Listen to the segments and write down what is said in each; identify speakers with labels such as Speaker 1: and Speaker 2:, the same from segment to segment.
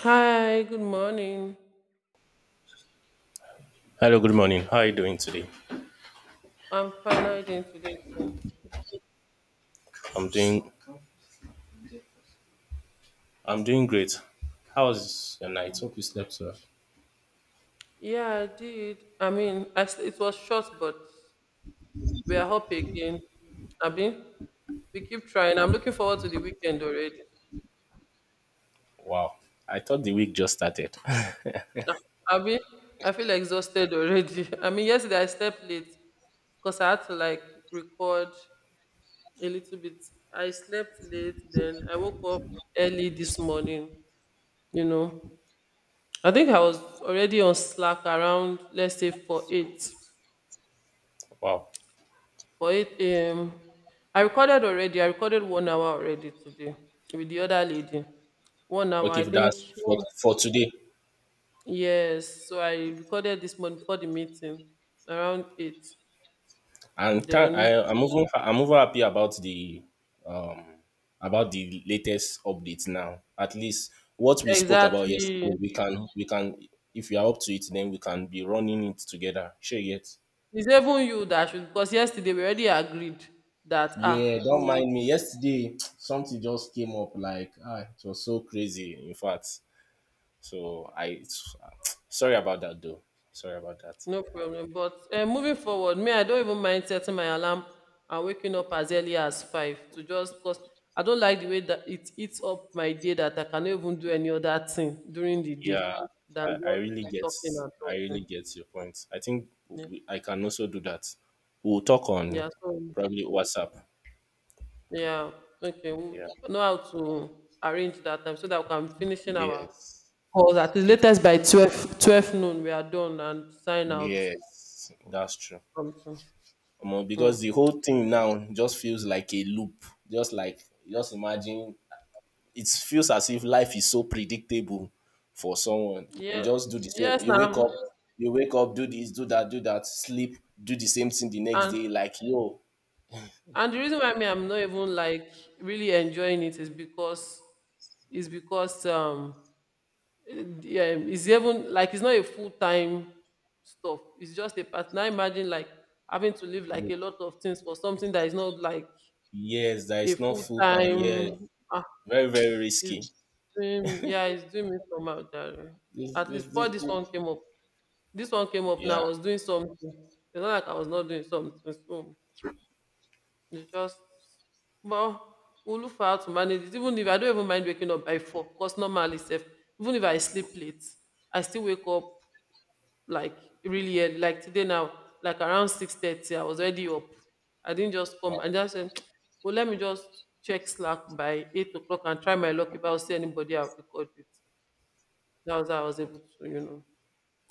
Speaker 1: Hi, good morning.
Speaker 2: Hello, good morning. How are you doing today?
Speaker 1: I'm fine. How are you doing today too?
Speaker 2: I'm doing I'm doing great. How was your night? Hope you slept well.
Speaker 1: Yeah, I did. I mean, it was short, but we are up again. Abi, we keep trying. I'm looking forward to the weekend already.
Speaker 2: Wow. I thought the week just started.
Speaker 1: Ah, Abi, I feel exhausted already. I mean, yesterday I slept late because I had to like record a little bit. I slept late, then I woke up early this morning. You know, I think I was already on Slack around, let's say, for eight.
Speaker 2: Wow.
Speaker 1: For it, I recorded already. I recorded 1 hour already today with the other lady. 1 hour,
Speaker 2: Okay,
Speaker 1: I
Speaker 2: if
Speaker 1: think.
Speaker 2: that's for
Speaker 1: Yeah.
Speaker 2: for today.
Speaker 1: Yes. So I recorded this morning before the meeting around 8.
Speaker 2: And thank,
Speaker 1: Then,
Speaker 2: I, I'm even I'm over happy about the latest update now. At least what we spoke about
Speaker 1: exactly.
Speaker 2: yesterday, we can if we are up to it, then we can be running it together. Sure yet.
Speaker 1: It's even you that should, because yesterday we already agreed that,
Speaker 2: Yeah,
Speaker 1: ah, we
Speaker 2: don't
Speaker 1: would.
Speaker 2: mind me. Yesterday, something just came up like, it was so crazy, in fact. So, I, it's, sorry about that though. Sorry about that.
Speaker 1: No problem. But moving forward, me, I don't even mind setting my alarm and waking up as early as 5 to just because I don't like the way that it eats up my day that I cannot even do any other thing during the day
Speaker 2: Yeah,
Speaker 1: than
Speaker 2: I, I
Speaker 1: just to
Speaker 2: really
Speaker 1: be
Speaker 2: get,
Speaker 1: talking and
Speaker 2: I really
Speaker 1: talking.
Speaker 2: get your point.
Speaker 1: Yeah.
Speaker 2: I can also do that. We'll talk on
Speaker 1: Yeah. So
Speaker 2: probably WhatsApp.
Speaker 1: yeah. Okay. We'll
Speaker 2: Yeah.
Speaker 1: know how to arrange that time so that we can finish in our
Speaker 2: Yes.
Speaker 1: calls at the
Speaker 2: Def-
Speaker 1: latest by 12, 12 noon. We are done and sign out.
Speaker 2: yes, that's true.
Speaker 1: Something.
Speaker 2: Omo, because
Speaker 1: Mm.
Speaker 2: the whole thing now just feels like a loop. Just like, just imagine it feels as if life is so predictable for someone. You
Speaker 1: Yeah.
Speaker 2: just do the same.
Speaker 1: Yes, ma'am.
Speaker 2: You wake up, do this, do that, do that, sleep, do the same thing the next
Speaker 1: And
Speaker 2: day. Like yo,
Speaker 1: And the reason why me I'm not even like really enjoying it is because yeah, it's even like it's not a full time stuff. It's just a part. Now imagine like having to leave like a lot of things for something that is not like
Speaker 2: yes, that
Speaker 1: a
Speaker 2: is not
Speaker 1: full
Speaker 2: full time. Yes,
Speaker 1: time. Ah,
Speaker 2: very very
Speaker 1: it's
Speaker 2: risky.
Speaker 1: doing yeah, it's doing me somehow. Jare.
Speaker 2: This,
Speaker 1: At least
Speaker 2: this,
Speaker 1: before
Speaker 2: this,
Speaker 1: this one
Speaker 2: this.
Speaker 1: came up, this one came up now. I
Speaker 2: Yeah.
Speaker 1: was doing something. It's not like I was not doing something. So. It's just well, we'll look for how to manage it. Even if I don't even mind waking up by 4, because normally sef, even if I sleep late, I still wake up like really early. Like today now, like around 6:30, I was already up. I didn't just come.
Speaker 2: Wow.
Speaker 1: I just said, well, let me just check Slack by 8 o'clock and try my luck. If I see anybody, I'll record it. That was how I was able to, you know,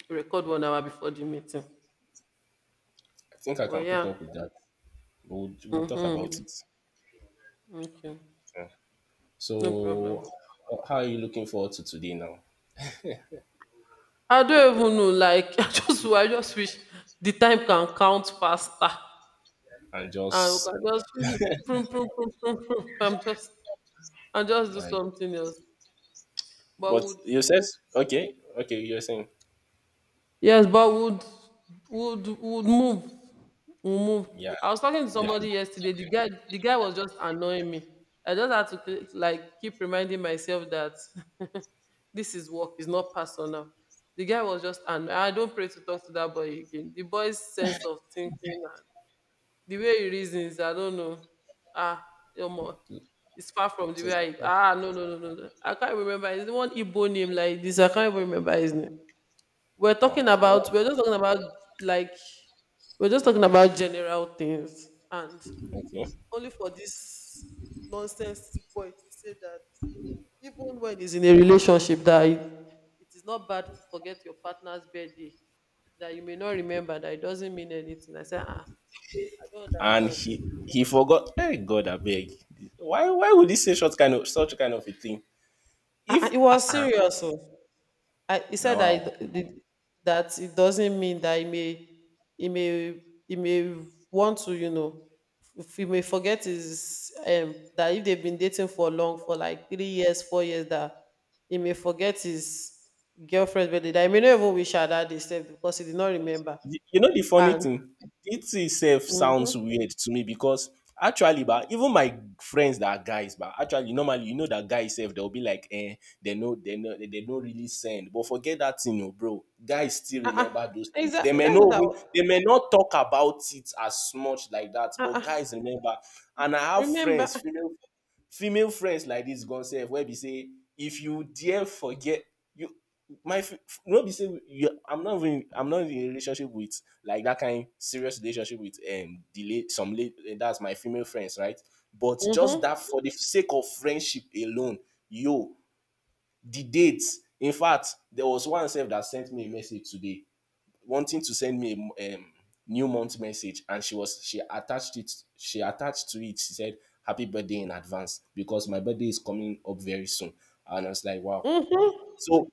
Speaker 1: record 1 hour before the meeting.
Speaker 2: I think I can
Speaker 1: But
Speaker 2: put
Speaker 1: yeah.
Speaker 2: up with that. We'll talk about
Speaker 1: Mm-hmm.
Speaker 2: it.
Speaker 1: Okay.
Speaker 2: Yeah.
Speaker 1: No
Speaker 2: So,
Speaker 1: problem.
Speaker 2: how are you looking forward to today now?
Speaker 1: I don't even know. Like I just wish the time can count faster.
Speaker 2: And
Speaker 1: And we
Speaker 2: just
Speaker 1: can just feel it. Prum, prum, prum, prum, prum. I'm just and just do
Speaker 2: my.
Speaker 1: something else. But
Speaker 2: But you said
Speaker 1: would-
Speaker 2: okay, okay. You're saying
Speaker 1: yes, but would move. We'll move.
Speaker 2: yeah,
Speaker 1: I was talking to
Speaker 2: definitely.
Speaker 1: somebody yesterday. The guy was just annoying me. I just had to like keep reminding myself that this is work, it's not personal. The guy was just annoying. I don't pray to talk to that boy again. The boy's sense of thinking. The way he reasons, I don't know. Ah, Omo, it's far from the
Speaker 2: So,
Speaker 1: way
Speaker 2: it's like,
Speaker 1: I.
Speaker 2: oh,
Speaker 1: Ah, no, no, no, no, no. I can't remember. It's the one Igbo name like this. I can't even remember his name.
Speaker 2: wow.
Speaker 1: We're just talking about like. We're just talking about general things, and
Speaker 2: Okay.
Speaker 1: only for this nonsense boy to say that even when he's in a relationship, that it is not bad to forget your partner's birthday. That you may not remember. That it doesn't mean anything. I say, ah, I don't
Speaker 2: And
Speaker 1: understand.
Speaker 2: he forgot. Hey God, I beg. Why would he say such kind of a thing?
Speaker 1: Ah,
Speaker 2: If
Speaker 1: ah, it was
Speaker 2: ah,
Speaker 1: serious. Oh. He
Speaker 2: now
Speaker 1: said that
Speaker 2: wow.
Speaker 1: that it doesn't mean that he may he may want to you know if he may forget his that if they've been dating for long for like 3 years 4 years that he may forget his girlfriend's birthday, that he may not even wish her that day sef because he did not remember
Speaker 2: You know the funny
Speaker 1: and
Speaker 2: thing, it itself sounds
Speaker 1: mm-hmm,
Speaker 2: weird to me because actually, but even my friends that are guys, but actually normally you know that guys self they'll be like, eh, they don't really send. But forget that thing, you bro. Guys still
Speaker 1: uh-uh,
Speaker 2: remember those things.
Speaker 1: exactly, that's what I was,
Speaker 2: They may not talk about it as much like that, but
Speaker 1: uh-uh,
Speaker 2: guys remember. And I have
Speaker 1: remember,
Speaker 2: friends, female. Female friends like this gone sef wey be say if you dare forget you my no be say you I'm not even I'm not in a relationship with like that kind serious relationship with delay some late that's my female friends right but just that
Speaker 1: mm-hmm,
Speaker 2: for the sake of friendship alone yo the dates in fact there was one sef that sent me a message today wanting to send me a new month message and she was she attached to it she said happy birthday in advance because my birthday is coming up very soon and I was like wow
Speaker 1: mm-hmm,
Speaker 2: so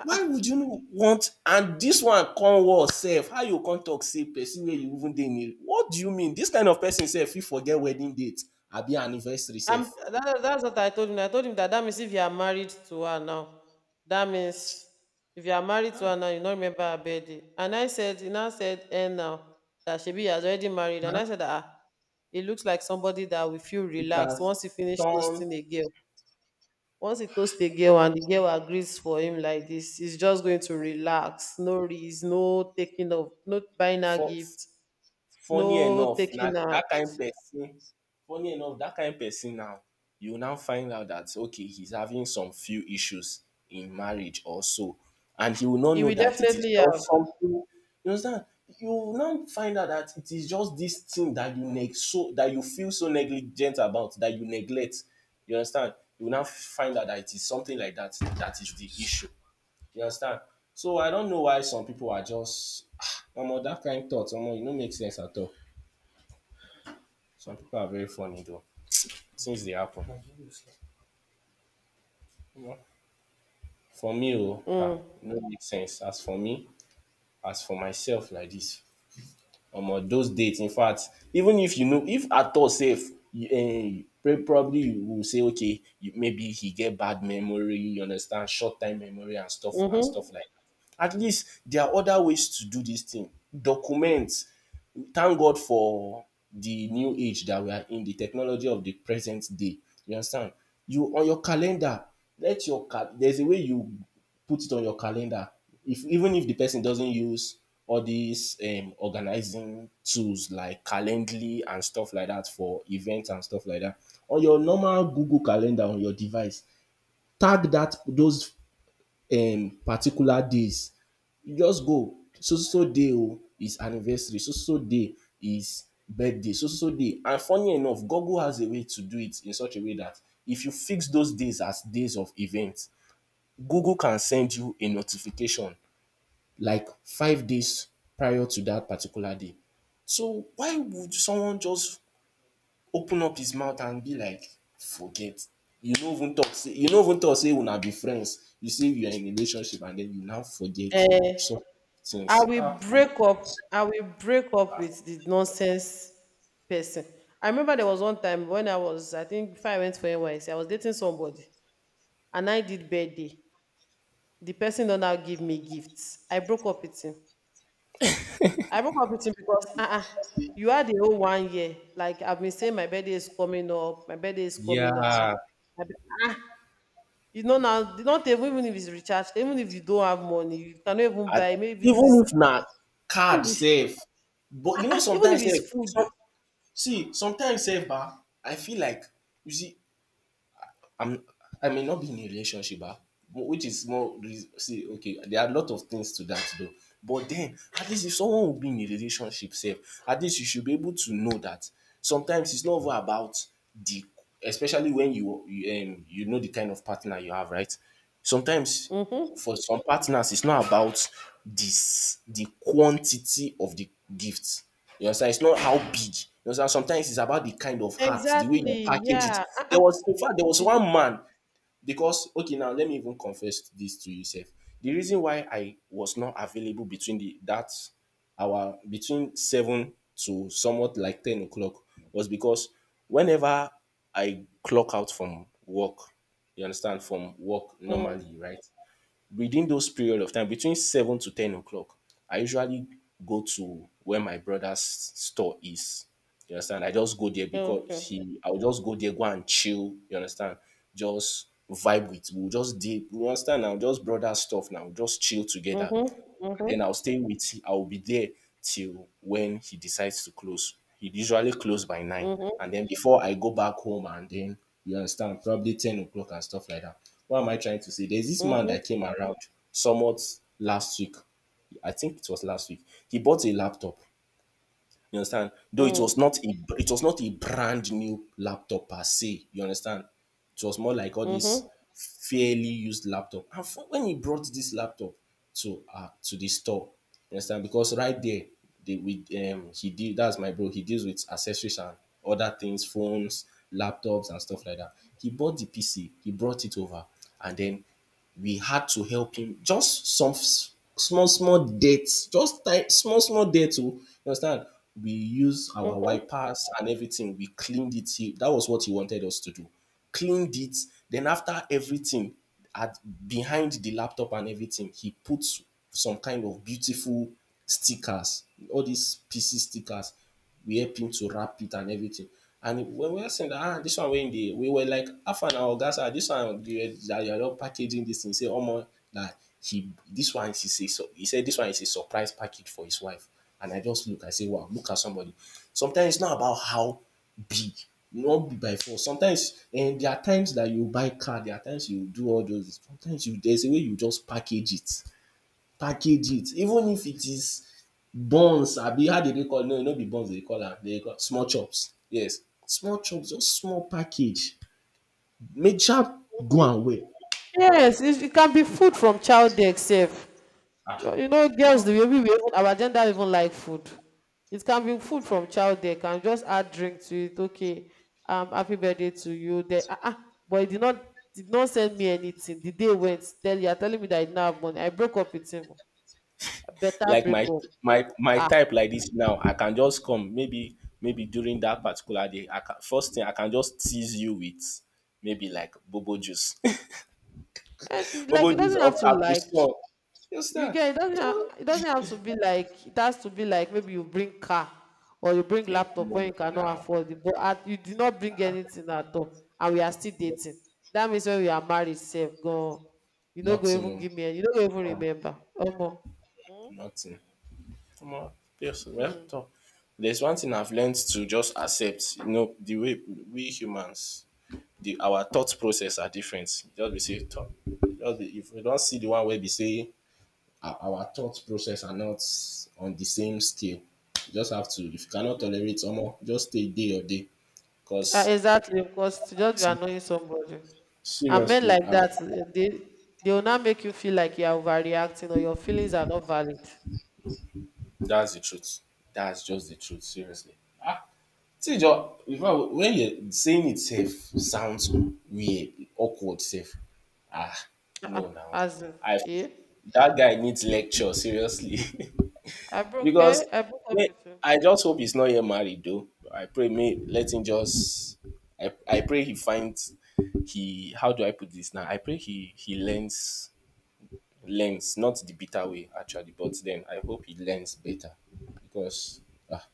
Speaker 2: why would you no want and this one come worse sef how you come talk say person wey you even dey in a what do you mean this kind of person sef fit forget wedding date abi anniversary sef.
Speaker 1: that's what I told him. I told him that that means if you are married to her now, that means if you are married to
Speaker 2: Ah,
Speaker 1: her now, you don't remember her birthday. And I said, he now said, and now that Shebi has already married. And I said, ah, it looks like somebody that will feel
Speaker 2: it
Speaker 1: relaxed
Speaker 2: has
Speaker 1: once he finish
Speaker 2: turn
Speaker 1: toasting a girl. Once he toasts a girl and the girl agrees for him like this, he's just going to relax. No reason, no taking of, no buying her
Speaker 2: for
Speaker 1: gift,
Speaker 2: funny
Speaker 1: no
Speaker 2: enough na
Speaker 1: taking her.
Speaker 2: that kind person. Funny enough that kind person now you now find out that okay he's having some few issues in marriage or so and he will not
Speaker 1: He
Speaker 2: know
Speaker 1: will
Speaker 2: that it is
Speaker 1: definitely have.
Speaker 2: just something, you understand, you will now find out that it is just this thing that you neg so that you feel so negligent about that you neglect, you understand, you will now find out that it is something like that that is the issue, you understand. So I don't know why some people are just omo that kind thought omo e no make sense at all. Some people are very funny though, since they happen. For me oh,
Speaker 1: Mm,
Speaker 2: e no make sense. As for me, as for myself like dis, omo those date infact even if you know if at all sef um probably you will say okay you, maybe he get bad memory, you understand, short term memory and
Speaker 1: mm-hmm.
Speaker 2: stuff like dat. At least there are other ways to do dis thing. Document, thank God for the new age that we are in, the technology of the present day. You understand? You on your calendar, let your there's a way you put it on your calendar. If even if the person doesn't use all these organizing tools like Calendly and stuff like that for events and stuff like that, on your normal Google calendar on your device, tag that those particular days you just go. So so so day oh is anniversary, so so so day is birthday, so so so day. And funny enough, Google has a way to do it in such a way that if you fix those days as days of events, Google can send you a notification like 5 days prior to that particular day. So why would someone just open up his mouth and be like forget you no even talk say you no even talk say una be friends you say you are in a relationship and then you now forget
Speaker 1: Eh,
Speaker 2: some things.
Speaker 1: I will break up with the nonsense person. I remember there was one time when I was, I think, before I went for NYC, I was dating somebody, and I did birthday. The person don't now give me gifts. I broke up with him. I broke up with him because uh-uh, you had the whole 1 year. Like I've been saying, my birthday is coming up. My birthday is coming up. Uh-uh.
Speaker 2: Yeah,
Speaker 1: My bir- ah, you know now, not even if it's recharged, even if you don't have money, you cannot even
Speaker 2: I,
Speaker 1: buy. Maybe even
Speaker 2: even
Speaker 1: this,
Speaker 2: if na card
Speaker 1: even if,
Speaker 2: safe, but you know
Speaker 1: even if
Speaker 2: sometimes sef,
Speaker 1: it's food.
Speaker 2: some see sometimes sef bah, I feel like you see I'm I may not be in a relationship bah, but which is more reas see okay there are a lot of things to that though, but then at least if someone will be in a relationship sef, at least you should be able to know that sometimes it's not even about the especially when you you know the kind of partner you have, right? Sometimes
Speaker 1: Hmm.
Speaker 2: for some partners, it's not about this the quantity of the gift. You understand? It's not how big. You understand? Sometimes it's about the kind of heart, the way you
Speaker 1: Exactly,
Speaker 2: package it.
Speaker 1: yeah. Uh-uh.
Speaker 2: There was
Speaker 1: Is
Speaker 2: one
Speaker 1: it.
Speaker 2: man because okay now let me even confess this to you sef. The reason why I was not available between the that our between seven to somewhat like 10 o'clock was because whenever I clock out from work, you understand, from work
Speaker 1: Mm,
Speaker 2: normally, right? Within those period of time between 7 to 10 o'clock I usually go to where my brother's store is, you understand, I just go there because
Speaker 1: okay.
Speaker 2: he I will just go there go and chill, you understand, just vibe with we will just dey, you understand now, just brother stuff now, just chill together.
Speaker 1: Mhm, mhm,
Speaker 2: Then I'll stay with him. I'll be there till when he decides to close. He usually close by 9.
Speaker 1: mhm,
Speaker 2: And then before I go back home and then you understand, probably 10 o'clock and stuff like that. What am I trying to say? There's this man
Speaker 1: mhm,
Speaker 2: that came around somewhat last week. I think it was last week. He bought a laptop. You understand? Though
Speaker 1: mm,
Speaker 2: it was not a brand new laptop per se. You understand? It was more like all these
Speaker 1: mhm,
Speaker 2: fairly used laptop. And for, when he brought this laptop to the store, you understand? Because right there, they with he did that's my bro. He deals with accessories and other things, phones, laptops, and stuff like that. He bought the PC, he brought it over, and then we had to help him just some small small dates just small small dates o, you understand, we use our
Speaker 1: mhm.
Speaker 2: wipers and everything we cleaned it he, that was what he wanted us to do, cleaned it. Then after everything, at behind the laptop and everything, he puts some kind of beautiful stickers, all these PC stickers. We help him to wrap it and everything. And when we were saying that, ah, this one when they we were like, half an hour, guys, ah, this one they were- that you're not packaging this thing. Say, oh my, that he this one is a so he said this one is a surprise package for his wife. And I just look, I say, wow, look at somebody. Sometimes it's not about how big, not be by force sometimes and there are times that you buy car there are times you do all those sometimes you there's a way you just package it even if it is buns abi how dey dey call no no be buns they call am they call small chops yes small chops just small package make sha do am well
Speaker 1: Yes, it can be food from child day itself.
Speaker 2: um
Speaker 1: Jo- You know, girls, we even, our gender even like food. It can be food from child day. Can just add drink to it. Okay, happy birthday to you. Then, ah, ah, but he did not send me anything. The day went. Tell you, are telling me that I did not have money. I broke up with him. Better
Speaker 2: like
Speaker 1: break up.
Speaker 2: my type like this now I can just come maybe maybe during that particular day I can first thing I can just tease you with maybe like bobo juice
Speaker 1: And like
Speaker 2: Bobo
Speaker 1: it
Speaker 2: just
Speaker 1: doesn't have
Speaker 2: all
Speaker 1: to
Speaker 2: tap the
Speaker 1: like
Speaker 2: store. Just
Speaker 1: you get it
Speaker 2: Just
Speaker 1: doesn't have to be like it has to be like maybe you bring car or you bring
Speaker 2: like,
Speaker 1: laptop
Speaker 2: no,
Speaker 1: when you cannot
Speaker 2: now.
Speaker 1: afford it, but at, you did not bring anything at all, and we are still
Speaker 2: Just
Speaker 1: dating. That means when we are married, safe go. You no go
Speaker 2: nothing.
Speaker 1: even give
Speaker 2: Oh,
Speaker 1: me. Any- you no go even remember. Omo. Hmm?
Speaker 2: nothing. Come on. Yes, well,
Speaker 1: Hmm.
Speaker 2: so there's one thing I've learned to just accept. You know, the way we humans, the our thought process are different. Just be say thought. Just be, if we don't see the one where we say our thought process are not on the same scale. You just have to if you cannot tolerate almost just stay day or day.
Speaker 1: Ah,
Speaker 2: Because
Speaker 1: exactly, because to just be annoying somebody. And men
Speaker 2: seriously,
Speaker 1: like
Speaker 2: I.
Speaker 1: that, eh, they will not make you feel like you are overreacting or your feelings are not valid.
Speaker 2: That's the truth. That's just the truth, seriously. Ah, see, Joe, if I, when you're saying it safe, sounds weird, awkward, safe. Ah,
Speaker 1: Ah,
Speaker 2: no, now.
Speaker 1: ah, as in,
Speaker 2: I
Speaker 1: eh?
Speaker 2: that guy needs lecture, seriously.
Speaker 1: I broke eh,
Speaker 2: Because
Speaker 1: I broke up
Speaker 2: me-
Speaker 1: with him.
Speaker 2: I just hope he's not yet married, though. I pray, may let him just. I pray he finds. He how do I put this now? I pray he learns not the bitter way actually, but then I hope he learns better because ah,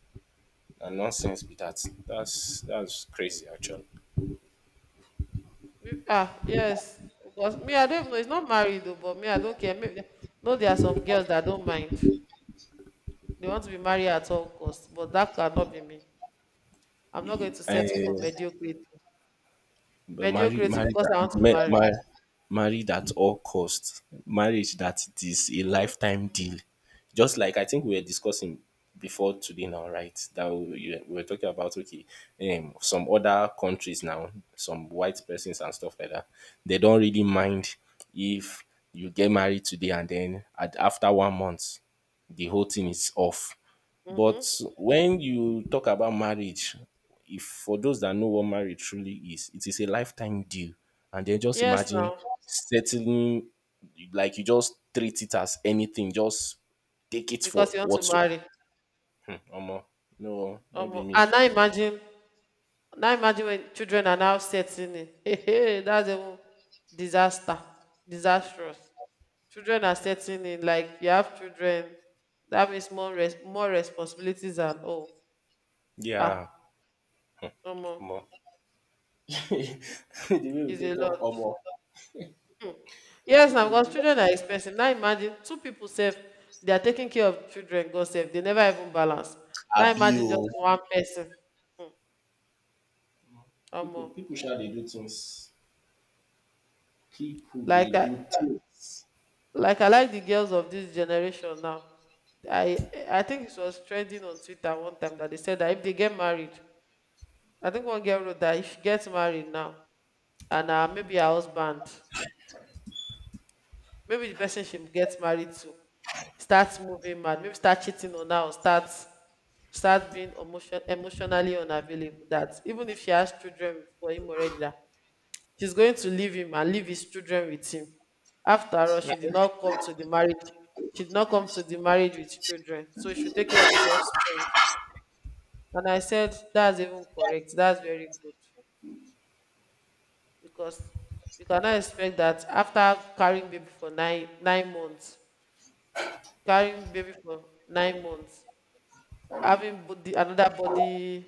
Speaker 2: and nonsense be that. That's crazy actually.
Speaker 1: We- Ah, yes. Because me, I don't know. It's not married though, but me, I don't care. Maybe no, there are some girls that don't mind. They want to be married at all costs, but that cannot be me. I'm not going
Speaker 2: He-
Speaker 1: to
Speaker 2: eh,
Speaker 1: settle for mediocrity.
Speaker 2: but
Speaker 1: Mediocrity because I want to marry.
Speaker 2: married at all costs. Marriage, that it is a
Speaker 1: Mm-hmm.
Speaker 2: lifetime deal. Just like I think we were discussing before today now, right? That we were talking about, okay, some other countries now, some white persons and stuff like that. They don't really mind if you get married today and then after 1 month the whole thing is off. But
Speaker 1: Mm-hmm.
Speaker 2: when you talk about marriage, if for those that know what marriage truly is, it is a lifetime deal. And then just
Speaker 1: Yes,
Speaker 2: imagine
Speaker 1: now
Speaker 2: settling, like you just treat it as anything, just take it
Speaker 1: because
Speaker 2: for
Speaker 1: you want to
Speaker 2: what's.
Speaker 1: marry.
Speaker 2: Hmm, omo, no, not be me.
Speaker 1: And now imagine when children are now setting in. Hey, hey, that's a disaster, disastrous. Children are setting in. Like you have children, that means more responsibilities and all. Ah,
Speaker 2: Yeah,
Speaker 1: omo,
Speaker 2: omo. The way we
Speaker 1: is a
Speaker 2: take
Speaker 1: lot.
Speaker 2: talk, omo,
Speaker 1: Yes, now
Speaker 2: people,
Speaker 1: because children are expensive. Now imagine two people sef, they are taking care of children. God sef, they never even balance. Now
Speaker 2: abi
Speaker 1: imagine
Speaker 2: o,
Speaker 1: just one person. Hmm,
Speaker 2: people,
Speaker 1: Omo,
Speaker 2: people sha dey do things. People dey
Speaker 1: like I,
Speaker 2: do things.
Speaker 1: like I like the girls of this generation now. I think it was trending on Twitter one time that they said that if they get married, I think one girl wrote that if she gets married now, and maybe the person she gets married to starts moving mad, maybe start cheating on her or start being emotionally unavailable. That even if she has children for him already, that she's going to leave him and leave his children with him. After all, she did not come to the marriage. She did not come to the marriage with children, so she should take care of his offspring. And I said, that's even correct. That's very good. Because you cannot expect that after carrying baby for 9 months, having body, another body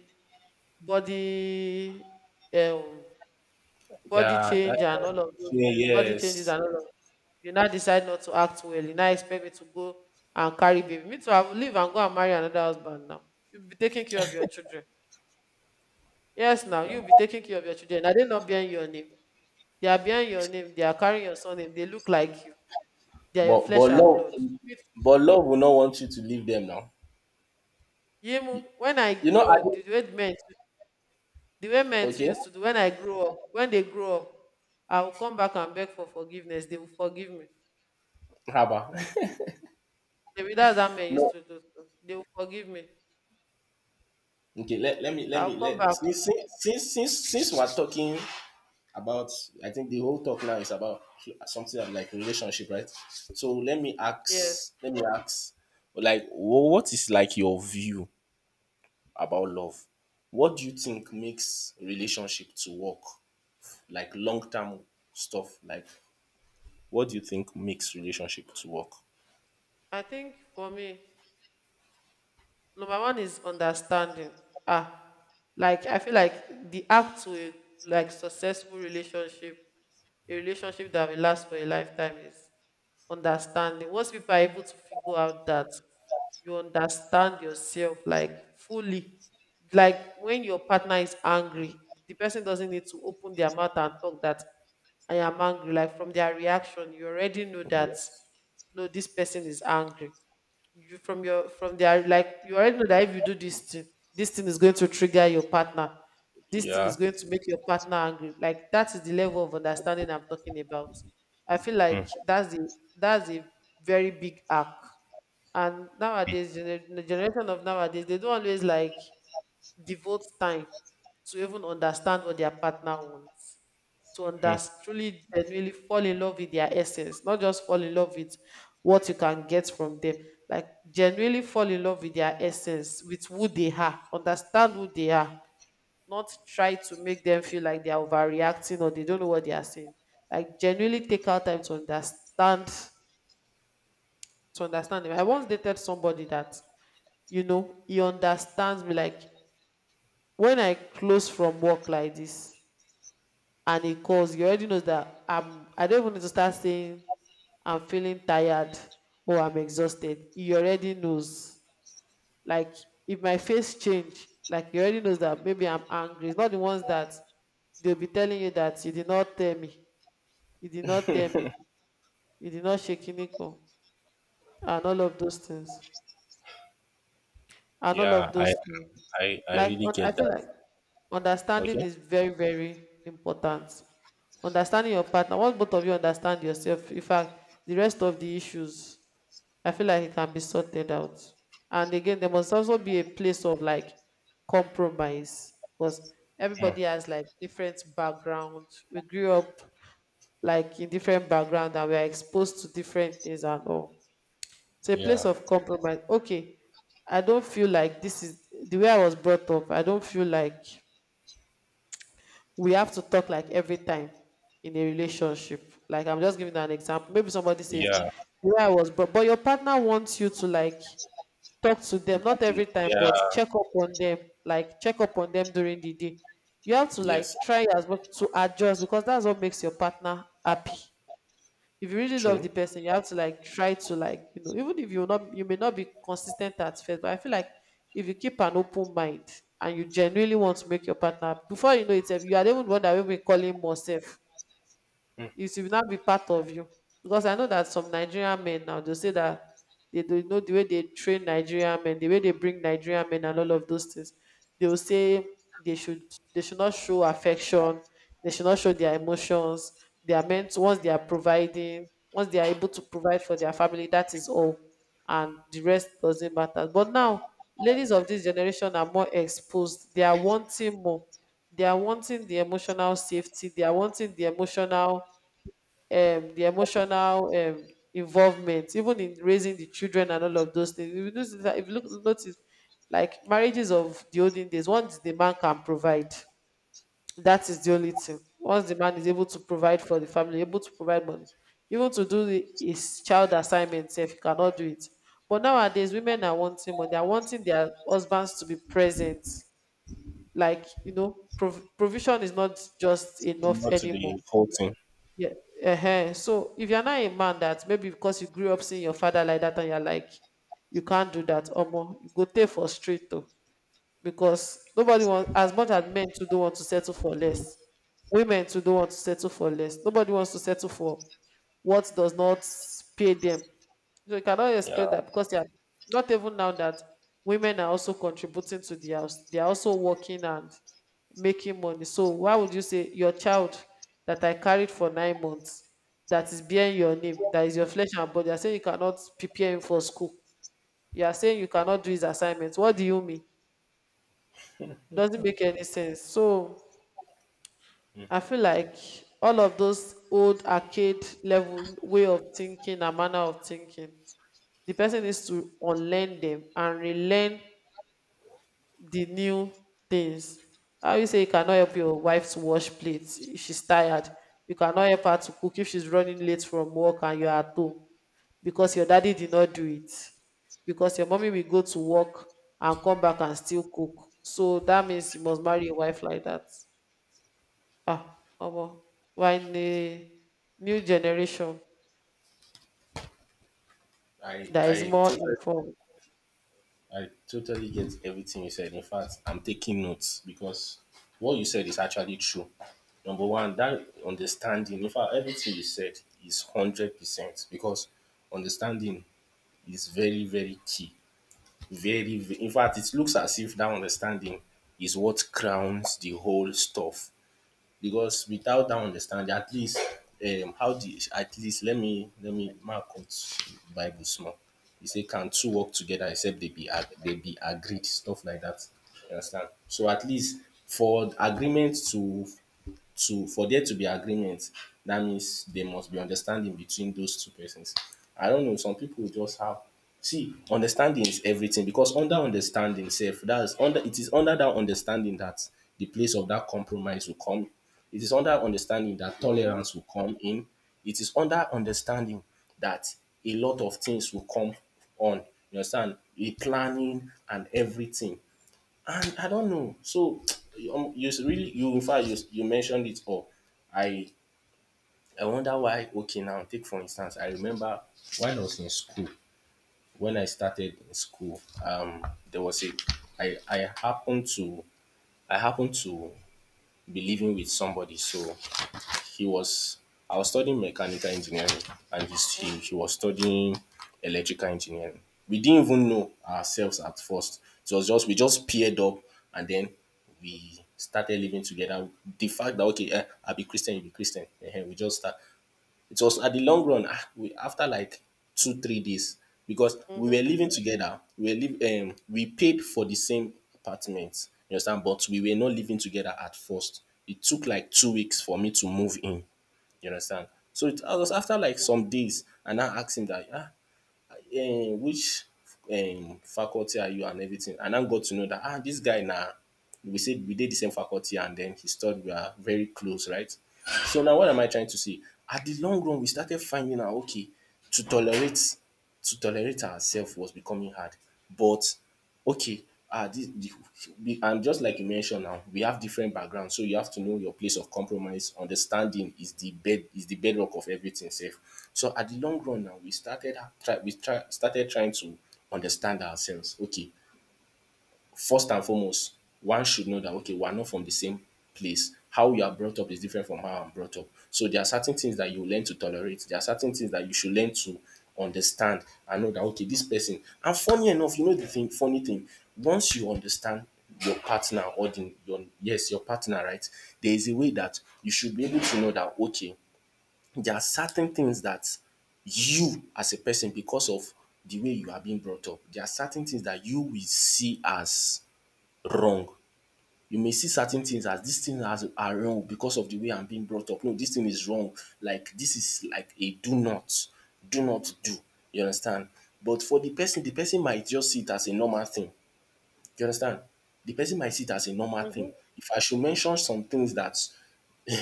Speaker 1: body um, body
Speaker 2: Yeah, that.
Speaker 1: change and all of those
Speaker 2: Yeah,
Speaker 1: things body changes
Speaker 2: yes.
Speaker 1: and all of, you now decide not to act well, you now expect me to go and carry baby, me to I leave and go and marry another husband now. You'll be taking care of your children Yes, now you'll be taking care of your children. Are they not bearing your name? They are carrying your surname, they look like you. They are your
Speaker 2: But
Speaker 1: flesh
Speaker 2: but
Speaker 1: and
Speaker 2: love
Speaker 1: blood. With
Speaker 2: but love will not want you to leave them now.
Speaker 1: Yimu, when I
Speaker 2: You know, I
Speaker 1: grow,
Speaker 2: don't-
Speaker 1: the way men too
Speaker 2: okay.
Speaker 1: used to do when I grow up, when they grow up, I will come back and beg for forgiveness. They will forgive me.
Speaker 2: Haba.
Speaker 1: Maybe that's how men used
Speaker 2: No,
Speaker 1: to do too. They will forgive me.
Speaker 2: okay. Let, let me let
Speaker 1: I'll
Speaker 2: me
Speaker 1: come
Speaker 2: let
Speaker 1: back.
Speaker 2: since we're talking about, I think the whole talk now is about something like relationship, right? So let me
Speaker 1: Yes.
Speaker 2: ask, let me ask, like, what is like your view about love? What do you think makes relationship to work? Like, long term stuff. Like, what do you think makes relationship to work?
Speaker 1: I think for me, number one is understanding. Ah, like I feel like the act to a like successful relationship, a relationship that will last for a lifetime is understanding. Once people are able to figure out that you understand yourself like fully, like when your partner is angry, the person doesn't need to open their mouth and talk that I am angry. Like from their reaction, you already know that
Speaker 2: Yes.
Speaker 1: no, this person is angry. You from your from their like you already know that if you do this thing is going to trigger your partner. This thing is
Speaker 2: Yeah.
Speaker 1: going to make your partner angry. Like that is the level of understanding I'm talking about. I feel like that's a very big arc. And nowadays, the generation of nowadays, they don't always like devote time to even understand what their partner wants, to understand, truly, genuinely fall in love with their essence, not just fall in love with what you can get from them, like genuinely fall in love with their essence, with who they are, understand who they are, not try to make them feel like they are overreacting or they don't know what they are saying, like genuinely take out time to understand, to understand them. I once dated somebody that, you know, he understands me, like when I close from work like this and he calls, he already knows that I don't even need to start saying I'm feeling tired or I'm exhausted. He already knows, like if my face change, like he already knows that maybe I'm angry. It's not the ones that they'll be telling you that you did not tell me you did not tell me you did not shake Iniko and all of those things and all of
Speaker 2: Yeah.
Speaker 1: those
Speaker 2: I
Speaker 1: things.
Speaker 2: I I
Speaker 1: Like
Speaker 2: really
Speaker 1: un- I
Speaker 2: get
Speaker 1: feel
Speaker 2: that.
Speaker 1: like
Speaker 2: Okay.
Speaker 1: understanding is very, very important. Understanding your partner, once both of you understand yourself, in fact, the rest of the issues, I feel like it can be sorted out. And again, there must also be a place of like compromise because
Speaker 2: Mm.
Speaker 1: everybody has like different background. We grew up like in different background and we are exposed to different things and all. It's a place
Speaker 2: Yeah.
Speaker 1: of compromise. Okay, I don't feel like this is the way I was brought up. I don't feel like we have to talk like every time in a relationship. Like I'm just giving an example. Maybe somebody says
Speaker 2: Yeah.
Speaker 1: the way I was brought, but your partner wants you to like talk to them, not every time,
Speaker 2: Yeah.
Speaker 1: but check up on them, like check up on them during the day. You have to
Speaker 2: Yes.
Speaker 1: like try as much to adjust because that's what makes your partner happy. If you really love the
Speaker 2: True.
Speaker 1: person, you have to like try to, like, you know, even if you not, you may not be consistent at first, but I feel like if you keep an open mind and you genuinely want to make your partner, before you know it, sef, you are the even the one that will be calling more self. It will not be part of you because I know that some Nigerian men now, they say that they do, you know, the way they train Nigerian men, the way they bring Nigerian men and all of those things, they will say they should, they should not show affection, they should not show their emotions, they are meant, once they are providing, once they are able to provide for their family, that is all and the rest doesn't matter. But now ladies of this generation are more exposed. They are wanting more, they are wanting the emotional safety, they are wanting the emotional involvement, even in raising the children and all of those things. If you notice, if you look, notice like marriages of the olden days, once the man can provide, that is the only thing. Once the man is able to provide for the family, able to provide money, even to do his child assignments, if he cannot do it. But nowadays, women are wanting money. They are wanting their husbands to be present. Like, you know, provision is not just enough
Speaker 2: Not to
Speaker 1: anymore,
Speaker 2: the whole thing.
Speaker 1: yeah. So if you're not a man that, maybe because you grew up seeing your father like that and you're like, you can't do that, or more, you go take for straight though, because nobody wants, as much as men too don't want to settle for less, women too don't want to settle for less. Nobody wants to settle for what does not pay them. So you cannot
Speaker 2: Yeah.
Speaker 1: expect that because they are not, even now that women are also contributing to the house, they are also working and making money, so why would you say your child that I carried for 9 months, that is bearing your name, that is your flesh and blood, you are saying you cannot prepare him for school, you are saying you cannot do his assignments, what do you mean? Doesn't make any sense. So I feel like all of those old arcade level way of thinking and manner of thinking, the person needs to unlearn them and relearn the new things. How you say you cannot help your wife to wash plates if she's tired. You cannot help her to cook if she's running late from work and you're at home because your daddy did not do it. Because your mommy will go to work and come back and still cook. So that means you must marry a wife like that. Ah, omo, we're in a new generation
Speaker 2: I
Speaker 1: that is
Speaker 2: I
Speaker 1: more
Speaker 2: totally
Speaker 1: informed.
Speaker 2: I totally get everything you said. In fact, I'm taking notes, because what you said is actually true. Number one, that understanding. In fact, everything you said is 100%, because understanding is very very key. In fact, it looks as if that understanding is what crowns the whole stuff. Because without that understanding, at least, how the at least let me mark quote Bible small. He say, "Can two work together except they be agreed?" Stuff like that. You understand? So at least for agreement to, for there to be agreement, that means there must be understanding between those two persons. I don't know, some people just have. See, understanding is everything, because under understanding sef, that is under it is under that understanding that the place of that compromise will come. It is under understanding that
Speaker 1: Mhm,
Speaker 2: tolerance will come in. It is under understanding that a lot of things will come on. You understand? A planning and everything. And I don't know. So really you, in fact, you mentioned it all. I I wonder why. Okay, now take for instance. I remember when I was in school. When I started in school, there was a I I happened to I happened to be living with somebody. So he was I was studying mechanical engineering, and he was studying electrical engineering. We didn't even know ourselves at first. It was just, we just paired up, and then we started living together. The fact that okay, I'll be Christian, you'll be Christian. Eh, eh, we just start It was at the long run. Ah, after like 2, 3 days, because we
Speaker 1: mhm,
Speaker 2: were living together. We paid for the same apartment. You understand? But we were not living together at first. It took like 2 weeks for me to move in. You understand? So it I was after like some days, and I asked him that, which faculty are you, and everything. And I got to know that, this guy now, we said we did the same faculty, and then he thought we are very close, right? So now what am I trying to say? At the long run, we started finding out, okay, to tolerate to tolerate ourselves was becoming hard. But okay, ah this the and just like you mentioned now, we have different backgrounds, so you have to know your place of compromise. Understanding is the bedrock of everything sef. So at the long run now, we started ha- try we try started trying to understand ourselves. Okay, first and foremost, one should know that okay we are not from the same place. How you are brought up is different from how I'm brought up. So there are certain things that you learn to tolerate. There are certain things that you should learn to understand, and know that okay this person, and funny enough, you know, the thing funny thing, once you understand your partner, or the your yes your partner, right, there is a way that you should be able to know that okay there are certain things that you, as a person, because of the way you are being brought up, there are certain things that you will see as wrong. You may see certain things as dis thing as are wrong because of the way I'm being brought up. No, dis thing is wrong, like dis is like a do not, do not do. You understand. But for the person, might just see it as a normal thing. You understand. The person might see it as a normal
Speaker 1: mhm,
Speaker 2: thing. If I should mention some things dat.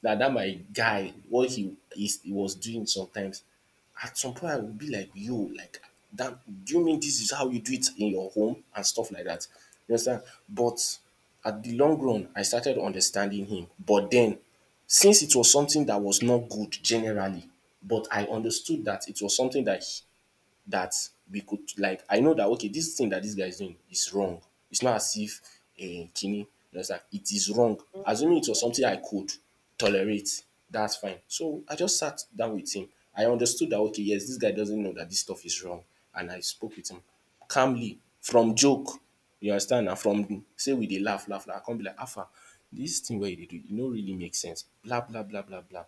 Speaker 2: That, my guy, what he is he was doing sometimes, at some point I would be like, yo, like, that, do you mean this is how you do it in your home and stuff like that? You understand? But at the long run, I started understanding him, but then since it was something that was not good generally, but I understood that it was something that we could, like, I know that okay this thing that this guy is doing is wrong. It's not as if, Kini, you understand, it is wrong. Assuming it was something I could tolerate, that's fine. So I just sat down with him. I understood that okay, yes, this guy doesn't know that this stuff is wrong. And I spoke with him calmly, from joke. You understand na, from sey we dey laugh laugh laugh, I come be like, Hafsa, dis thing wey you dey do, e no really make sense, bla bla bla bla bla.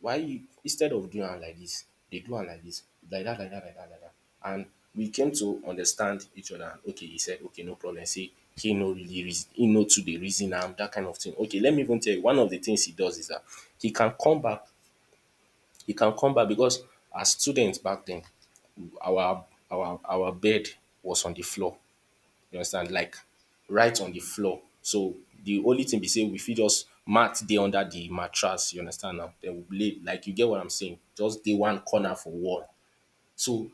Speaker 2: Why you, instead of doing am like dis, dey do am like dis, like dat, like dat, like dat, like dat. And we came to understand each other. And okay, he said okay, no problem, sey he no really reason, he no too dey reason am dat kind of thing. Okay, let me even tell you. One of de things he does is dat, he can come back he can come back because as student back den, our our bed was on de floor. You understand,
Speaker 1: mm.
Speaker 2: like, right on the floor. So the only thing be sey we fit just mat dey under the mattress, you understand, now den we lay, like, you get what I'm saying, just dey one corner for wall. So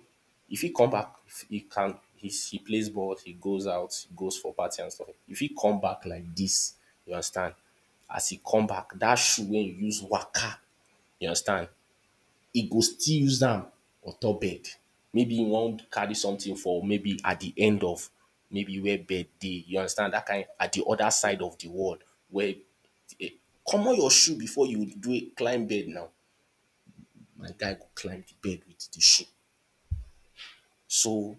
Speaker 2: e fit come back, e can he plays ball, he goes out, he goes for party and stuff. E fit come back like dis, you understand. As e come back, dat shoe wey you use waka, you understand, he go still use am on top bed. Maybe he wan carry something for, maybe at the end of, maybe where bed dey, you understand, that kind at the other side of the wall, where um comot your shoe before you do climb bed now. My guy go climb the bed with the shoe. So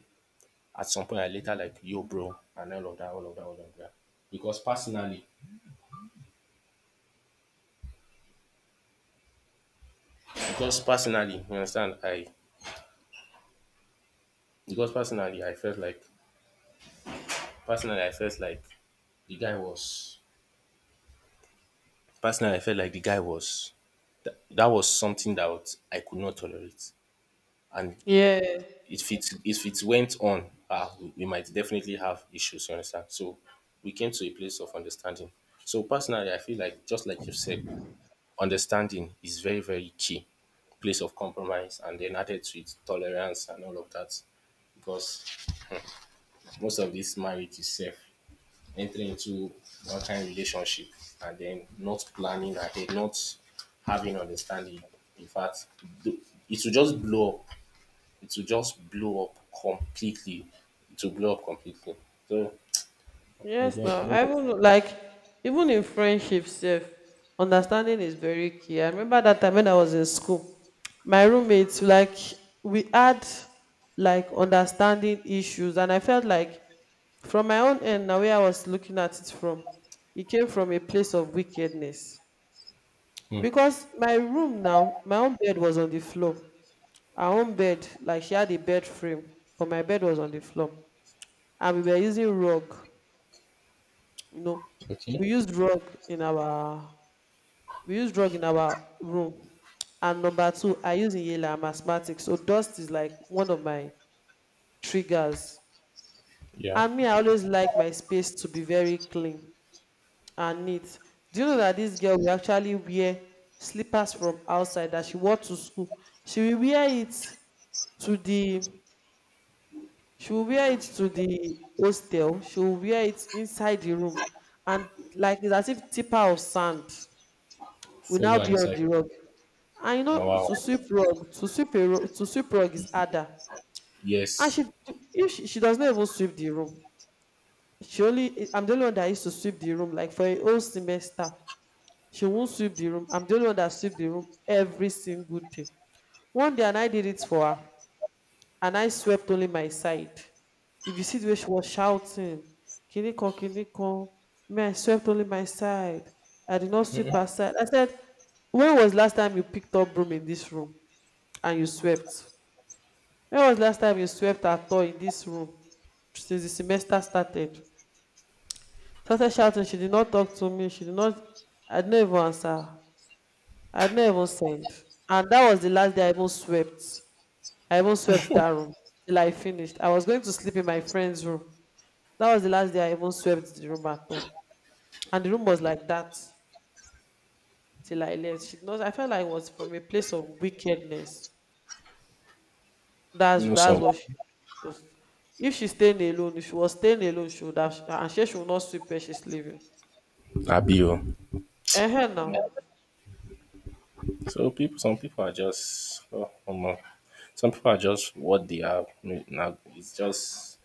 Speaker 2: at some point I later like, yo, bro, and all of that, all of that, all of that. Because personally, because personally you understand I because personally I felt like, personally I felt like the guy was personally I felt like the guy was. That was something that I could not tolerate. And
Speaker 1: Yeah,
Speaker 2: if it went on, we might definitely have issues, you understand? So we came to a place of understanding. So personally, I feel like, just like you said, understanding is very, very key. Place of compromise, and then added to it, tolerance, and all of that. Because most of this marriage is safe, entering into one kind relationship, and then not planning ahead, not having understanding. In fact, th- it will just blow up. It will just blow up completely. It will blow up completely. So, may
Speaker 1: yes.
Speaker 2: God-
Speaker 1: Now
Speaker 2: may-
Speaker 1: I even like even in friendships, sef, understanding is very key. I remember that time when I was in school, my roommates, like we had like understanding issues, and I felt like from my own end, now where I was looking at it from, it came from a place of wickedness.
Speaker 2: Hmm,
Speaker 1: Because my room now, my own bed was on the floor. Our own bed, like she had a bed frame, but my bed was on the floor. And we were using rug, you know.
Speaker 2: okay,
Speaker 1: We used rug in our we used rug in our room. And number two, I use inhaler, I'm asthmatic. So dust is like one of my triggers.
Speaker 2: yeah,
Speaker 1: And me, I always like my space to be very clean and neat. Do you know that this girl will actually wear slippers from outside that she wore to school? She will wear it to the, she will wear it to the hostel. She will wear it inside the room, and like it's as if tipper of sand will now
Speaker 2: follow and
Speaker 1: be on
Speaker 2: inside.
Speaker 1: the rug. And you know
Speaker 2: Now, wow,
Speaker 1: to sweep rug, to sweep a rug to sweep rug is harder. And
Speaker 2: yes,
Speaker 1: she if she, she does not even sweep the room. She only I'm the only one that used to sweep the room like for a whole semester. She won't sweep the room. I'm the only one that sweep the room every single day. One day, and I did it for her, and I swept only my side. If you see the way she was shouting, Kiniko, Kiniko, me, I swept only my side. I did not sweep her side. I said, when was last time you picked up broom in this room and you swept? When was last time you swept at all in this room since the semester started? Started shouting, she did not talk to me, she did not, I did not even answer her. I had not even sent. And that was the last day I even swept. I even swept that room till I finished. I was going to sleep in my friend's room. That was the last day I even swept the room at all. And the room was like that till I left. She knows, I felt like it was from a place of wickedness.
Speaker 2: you
Speaker 1: That's
Speaker 2: know,
Speaker 1: that's
Speaker 2: some
Speaker 1: what she was. If she's staying alone, if she was staying alone, she would have, and she should not sweep where she's living.
Speaker 2: abio.
Speaker 1: Eh now.
Speaker 2: So, people, some people are just, oh, omo. Some people are just what they are. Now, it's just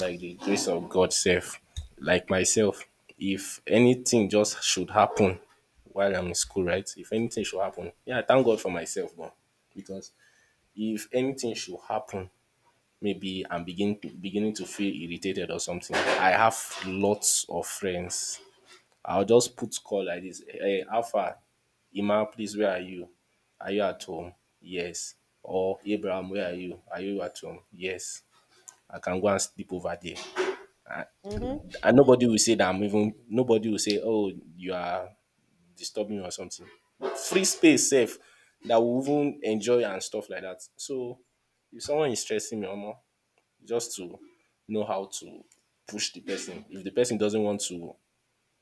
Speaker 2: like the grace of God self. Like myself, if anything just should happen while I'm in school, right? If anything should happen, yeah, thank God for myself, but because if anything should happen, maybe beginning to feel irritated or something. I have lots of friends. I'll just put call like this. Hey, Alpha, Ima, please, where are you? Are you at home? Yes. Or Abraham, where are you? Are you at home? Yes. I can go and sleep over there,
Speaker 1: Mm-hmm.
Speaker 2: and nobody will say that I'm even nobody will say, oh, you are disturbing me or something. Free space safe that we even enjoy and stuff like that. So if someone is stressing me or more, just to know how to push the person. If the person doesn't want to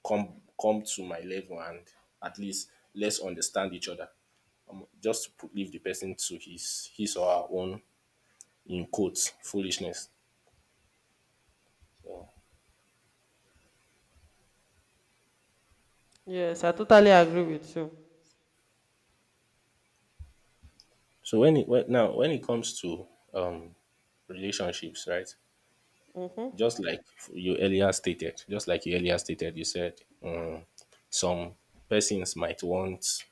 Speaker 2: come to my level and at least let's understand each other. Leave the person to his or her own in quotes foolishness. So
Speaker 1: Yes, I totally agree with you.
Speaker 2: now when it comes to um relationships, right?
Speaker 1: Mm-hmm.
Speaker 2: just like just like you earlier stated, you said, some persons might want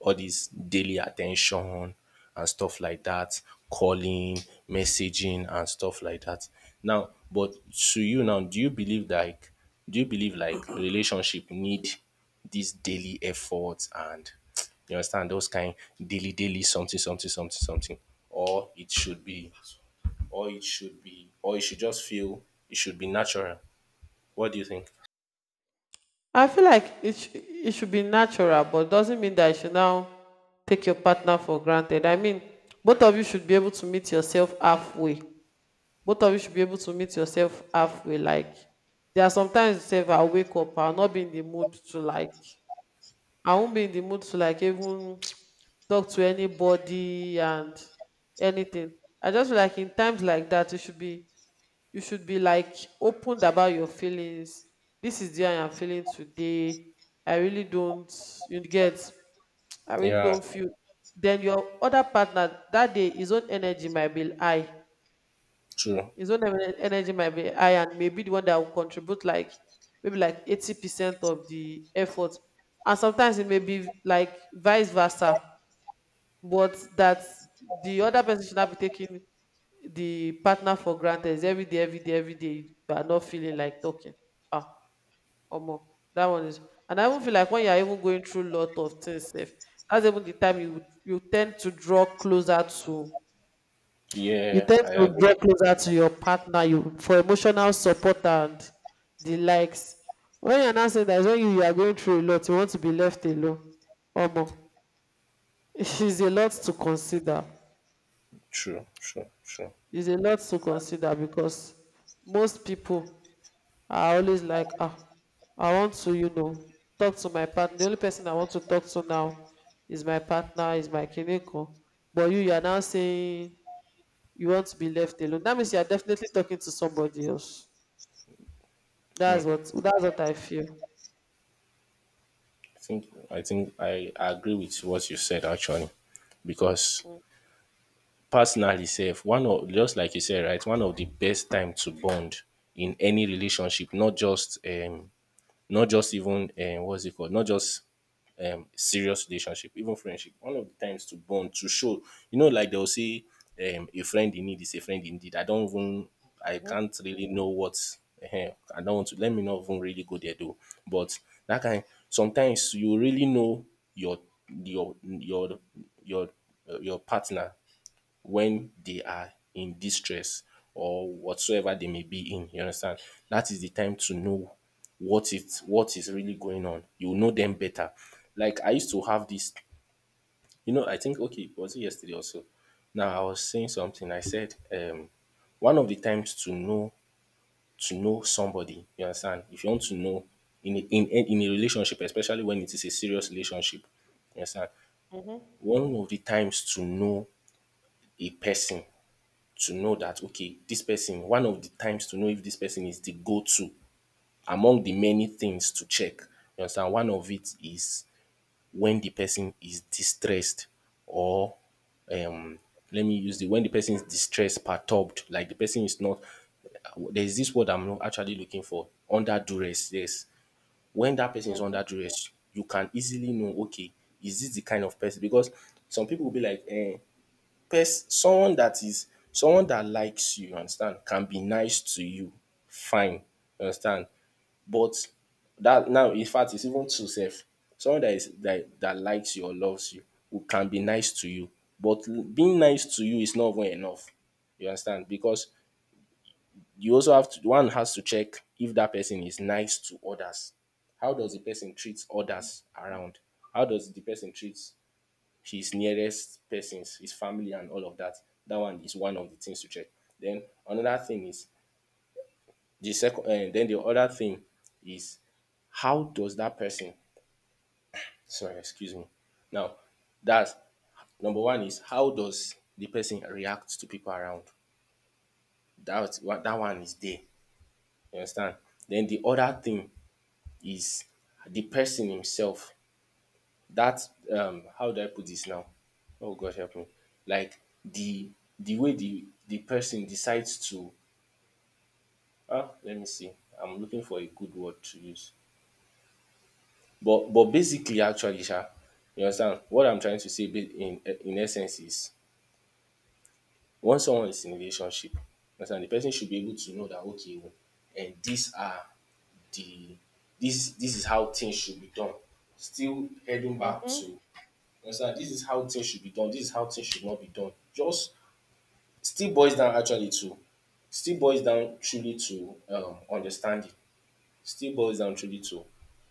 Speaker 2: all these daily attention and stuff like that, calling, messaging and stuff like that. Now, but to you now, do you believe like do you believe relationship need these daily efforts and you understand those kind daily daily something something something something, or it should be or it should just feel it should be natural. What do you think?
Speaker 1: I feel like it, it should be natural, but doesn't mean that you should now take your partner for granted. I mean, both of you should be able to meet yourself halfway. Both of you should be able to meet yourself halfway. Like, there are sometimes you say, I'll wake up, I'll not be in the mood to like, I won't be in the mood to like even talk to anybody and anything. I just feel like in times like that, you should be you should be like open about your feelings. This is the way I'm feeling today. i really don't you get I really
Speaker 2: Yeah,
Speaker 1: don't feel. Then your other partner, that day his own energy might be high.
Speaker 2: true.
Speaker 1: Energy might be high and maybe the one that will contribute like maybe like 80% of the effort, and sometimes it may be like vice versa. But that, the other person should not be taking the partner for granted. It's every day, every day, every day you are not feeling like talking. Ah, omo, that one is. And I even feel like when you are even going through lot of things sef, that's even the time you tend to draw closer to. You
Speaker 2: Yeah,
Speaker 1: tend
Speaker 2: I
Speaker 1: to
Speaker 2: agree.
Speaker 1: draw closer to your partner you for emotional support and the likes. When you are not saying that is when you are going through a lot, you want to be left alone. Omo, it is a lot to consider.
Speaker 2: True, true, true.
Speaker 1: It's a lot to consider because most people are always like, ah, I want to, talk to my partner. The only person I want to talk to now is my partner, is my kineko. But you are now saying you want to be left alone. That means you are definitely talking to somebody else. That's what I feel.
Speaker 2: I think I agree with what you said actually, because personally, safe one of just like you said, right, one of the best time to bond in any relationship, not just not just even what's it called, not just serious relationship, even friendship. One of the times to bond, to show, you know, like they'll say, a friend in need is a friend indeed. I don't even, I
Speaker 1: Mhm.
Speaker 2: can't really know what, eh, I don't want to, let me not even really go there though. But that kind, sometimes you really know your, your, your, your, your partner when they are in distress or whatsoever they may be in. You understand? That is the time to know what is really going on. You will know them better. Like I used to have this, you know, I think okay, was it yesterday also? Now I was saying something. I said, one of the times to know somebody, you understand? If you want to know in a relationship, especially when it is a serious relationship, you understand?
Speaker 1: Mhm.
Speaker 2: One of the times to know a person, to know that okay this person, one of the times to know if this person is the go-to among the many things to check, you understand, one of it is when the person is distressed or um let me use the when the person is distressed perturbed, like the person is not, there's this word I'm not actually looking for, under duress, yes, when that person is
Speaker 1: Mhm.
Speaker 2: under duress you can easily know, okay, is this the kind of person? Because some people will be like eh, someone that is someone that likes you, you understand, can be nice to you, fine, you understand. But that now, in fact, it's even true self. Someone that is that likes you or loves you, who can be nice to you, but being nice to you is not even enough. You understand? Because you also have to one has to check if that person is nice to others. How does the person treat others around? How does the person treat his nearest persons, his family and all of that. That one is one of the things to check. Then another thing is the second And then the other thing is how does that person, sorry, excuse me. Now that's number one is how does the person react to people around? That what that one is there. You understand? Then the other thing is the person himself. That how do I put this now? Oh God help me. Like the way the person decides to ah let me see. I'm looking for a good word to use. But basically actually sha, you understand what I'm trying to say, in essence is, once someone is in a relationship, you understand the person should be able to know that okay oh these are the this, this is how things should be done. Still heading back to
Speaker 1: Mhm.
Speaker 2: you, understand this is how things should be done, this is how things should not be done. Just still boils down actually to still boils down truly to, understanding, still boils down truly to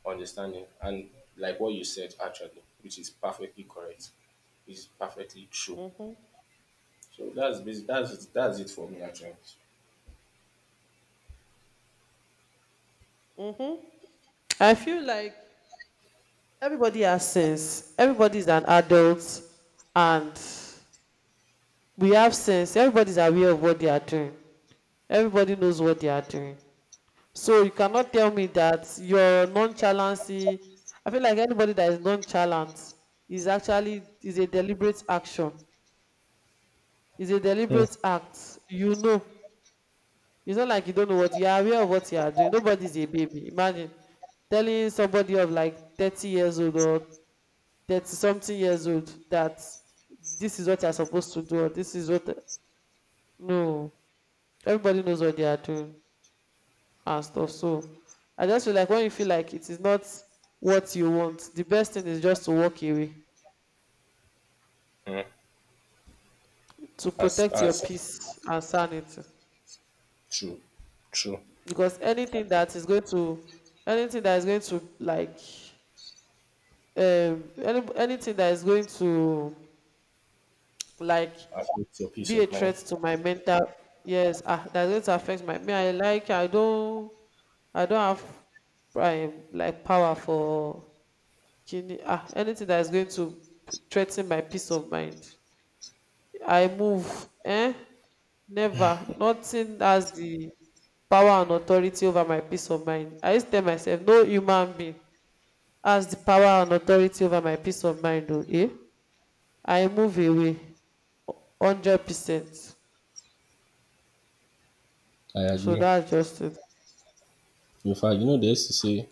Speaker 2: understanding, and like what you said actually, which is perfectly correct, is perfectly true.
Speaker 1: Mhm.
Speaker 2: So that's that's it for me actually.
Speaker 1: I feel like everybody has sense. Everybody's an adult, and we have sense. Everybody's aware of what they are doing. Everybody knows what they are doing. So you cannot tell me that your nonchalancy. I feel like anybody that is nonchalant is a deliberate action. Is a deliberate act. You know. It's not like you don't know what you are, aware of what you are doing. Nobody's a baby. Imagine telling somebody of like 30 years old or 30 something years old that this is what you're supposed to do, or this is what. No. Everybody knows what they are doing and stuff. So I just feel like when you feel like it is not what you want, the best thing is just to walk away,
Speaker 2: Mm,
Speaker 1: to protect your
Speaker 2: that's
Speaker 1: peace and sanity.
Speaker 2: true, true.
Speaker 1: Because anything that is going to, anything that is going to like anything that is going to like
Speaker 2: Affects your peace
Speaker 1: be a
Speaker 2: of
Speaker 1: threat
Speaker 2: mind.
Speaker 1: to my mental, yes, ah, that's going to affect my me, I like, I don't have like power for kidney. Ah, anything that is going to threaten my peace of mind, I move, eh, never. Nothing has the power and authority over my peace of mind. I used to tell myself no human being has the power and authority over my peace of mind o, eh, I move away 100%.
Speaker 2: I
Speaker 1: So
Speaker 2: agree.
Speaker 1: that's just it.
Speaker 2: In fact, you know they used to say,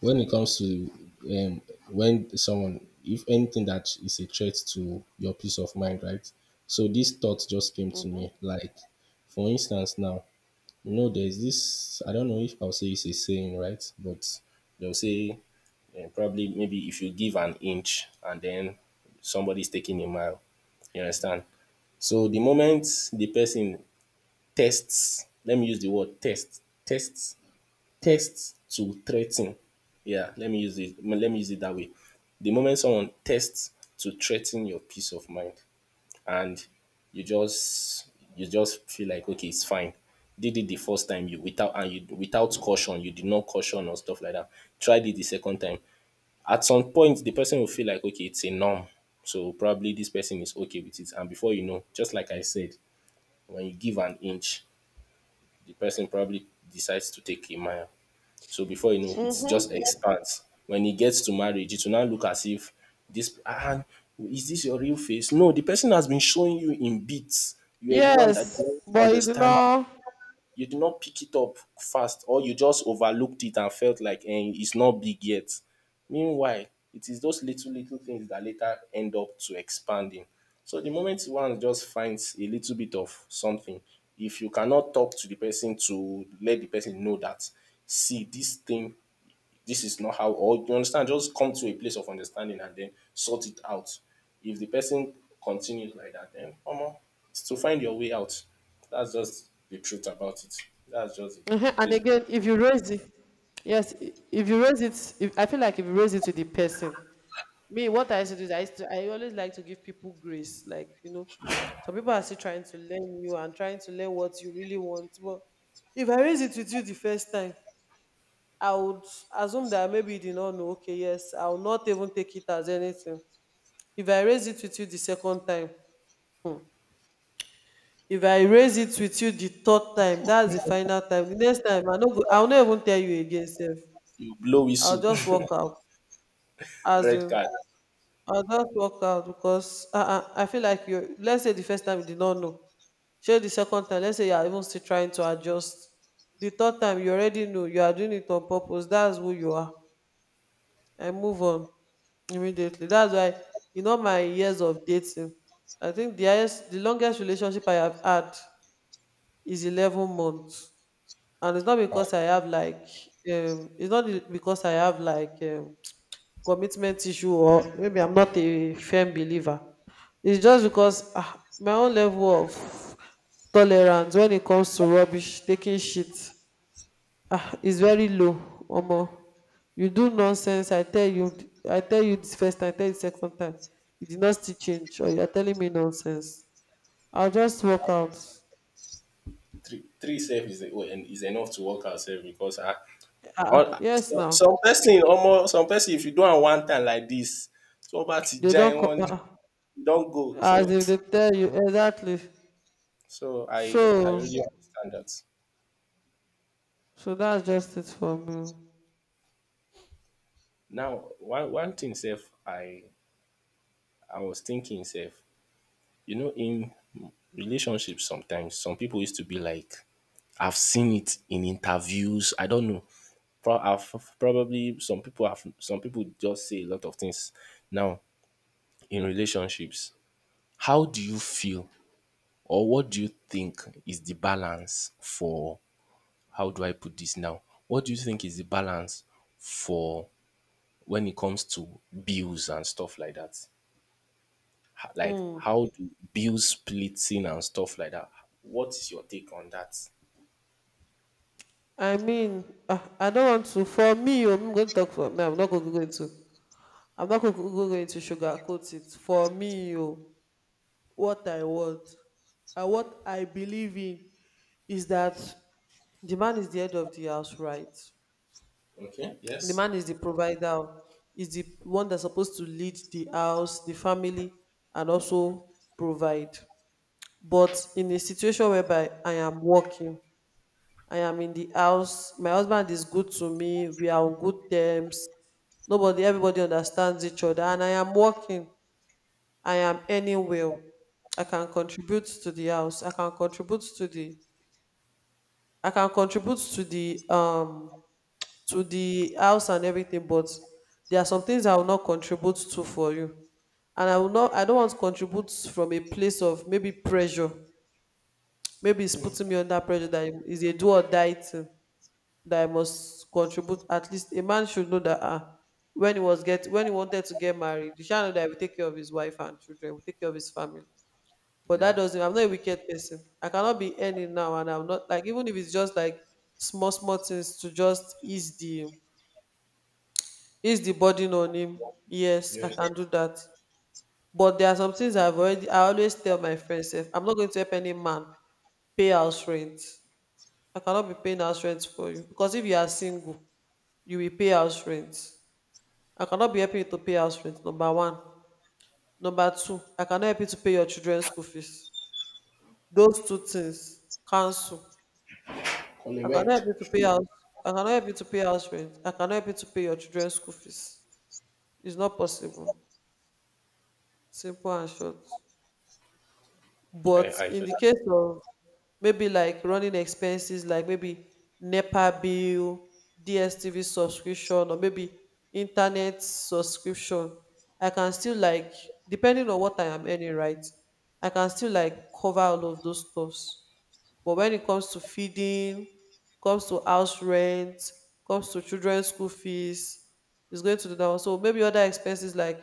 Speaker 2: when it comes to, um, when someone, if anything that is a threat to your peace of mind, right? So this thought just came to me. Like, for instance, now, you know, there's this, I don't know if I'll say it's a saying, right? But they'll say eh, probably maybe if you give an inch and then somebody's taking a mile. You understand? So the moment the person tests, let me use the word test, tests to threaten. Yeah, let me use it. Let me use it that way. The moment someone tests to threaten your peace of mind, and you just feel like okay, it's fine. Did it the first time, you without, and you without caution, you did not caution or stuff like that. Tried it the second time. At some point, the person will feel like okay, it's a norm. So probably this person is okay with it. And before you know, just like I said, when you give an inch, the person probably decides to take a mile. So before you know, it just
Speaker 1: Mm-hmm.
Speaker 2: expands. When it gets to marriage, it will now look as if this ah, is this your real face? No, the person has been showing you in bits. You are the one that don't
Speaker 1: Yes, but you
Speaker 2: understand.
Speaker 1: know,
Speaker 2: You did not pick it up fast, or you just overlooked it and felt like eh, it's not big yet. Meanwhile, it is those little little things that later end up to expanding. So the moment one just finds a little bit of something, if you cannot talk to the person to let the person know that, see, this thing, this is not how or you understand, just come to a place of understanding and then sort it out. If the person continues like that then omo, it's to find your way out. That's just the truth about it. That's just it.
Speaker 1: mhm, and
Speaker 2: Bas-
Speaker 1: again, if you raise it, yes, if you raise it, if, I feel like if you raise it to the person, me, what I used to do is I used to, I always like to give people grace. Like, you know, some people are still trying to learn you and trying to learn what you really want. But if I raise it with you the first time, I would assume that maybe you did not know, okay, yes, I will not even take it as anything. If I raise it with you the second time, um if I raise it with you the third time, that's the final time. The next time, I no go, I no even tell you again sef,
Speaker 2: you blow
Speaker 1: I go
Speaker 2: whistle.
Speaker 1: just walk out,
Speaker 2: Red
Speaker 1: asin,
Speaker 2: card.
Speaker 1: I go just walk out. Because ah, ah, I feel like you, let's say the first time you did not know, shey the second time let's say you are even still trying to adjust, the third time you already know you are doing it on purpose, that's who you are. I move on immediately. That's why in all my years of dating, I think the highest, the longest relationship I have had is 11 months, and it's not
Speaker 2: Ah,
Speaker 1: because I have like, it's not the- because I have like commitment issue, or maybe I'm not a firm believer. It's just because ah, my own level of tolerance when it comes to rubbish, taking shit, ah, it's very low. Omo, you do nonsense. I tell you this first time, I tell you second time. You did not still change, or you are telling me nonsense. I'll just walk out.
Speaker 2: three three sef is well, is enough to work ourselves because ah,
Speaker 1: Ah,
Speaker 2: all
Speaker 1: ah, yes, now,
Speaker 2: some person almost some person if you do am one time like this, tó bá ti
Speaker 1: they
Speaker 2: já
Speaker 1: don't
Speaker 2: ẹ
Speaker 1: co-,
Speaker 2: wọn
Speaker 1: ah,
Speaker 2: don go
Speaker 1: ah, as
Speaker 2: so,
Speaker 1: if they tell you exactly.
Speaker 2: so i I
Speaker 1: So,
Speaker 2: really understand that.
Speaker 1: so that's just it for me.
Speaker 2: Now, one one thing sef I was thinking sef, you know in relationships sometimes some people used to be like, I've seen it in interviews, I don't know. Pro- I've probably Some people have, some people just say a lot of things. Now, in relationships, how do you feel or what do you think is the balance for, how do I put this now? What do you think is the balance for when it comes to bills and stuff like that? Like
Speaker 1: Hmm.
Speaker 2: how do bills splitting and stuff like that. What is your take on that?
Speaker 1: I mean, ah, I don't want to. For me, oh, I'm going to talk for me. I'm not going to go into sugarcoat it. For me, oh, what I want and what I believe in is that the man is the head of the house, right?
Speaker 2: Okay.
Speaker 1: The
Speaker 2: Yes.
Speaker 1: man is the provider, is the one that's supposed to lead the house, the family, and also provide. But in a situation whereby I am working, I am in the house, my husband is good to me, we are on good terms, nobody, everybody understands each other, and I am working. I am earning well. I can contribute to the house. I can contribute to the house and everything, but there are some things I will not contribute to for you. And I will not I don't want to contribute from a place of maybe pressure. Maybe it's putting me under pressure, that is a do or die thing that I must contribute. At least a man should know that, ah, when he wanted to get married, he should know that he will take care of his wife and children, he will take care of his family. But that
Speaker 2: Yeah.
Speaker 1: doesn't, I'm not a wicked person. I cannot be earning now and I'm not, like, even if it's just like small, small things to just ease the, ease the burden on him. Yes, I
Speaker 2: Yes.
Speaker 1: can do that. But there are some things I've already, I always tell my friends, if I'm not going to help any man pay house rent. I cannot be paying house rent for you. Because if you are single, you will pay house rent. I cannot be helping you to pay house rent, number one. Number two, I cannot help you to pay your children's school fees. Those two things cancel.
Speaker 2: On
Speaker 1: I cannot help
Speaker 2: work.
Speaker 1: you to pay house. I cannot help you to pay house rent. I cannot help you to pay your children's school fees. It's not possible. Simple and short. But
Speaker 2: I
Speaker 1: in
Speaker 2: feel
Speaker 1: the
Speaker 2: that.
Speaker 1: case of maybe like running expenses, like maybe NEPA bill, DSTV subscription, or maybe internet subscription, I can still like, depending on what I am earning, right? I can still like cover all of those stuffs. But when it comes to feeding, comes to house rent, comes to children's school fees, it's going to the down. So maybe other expenses like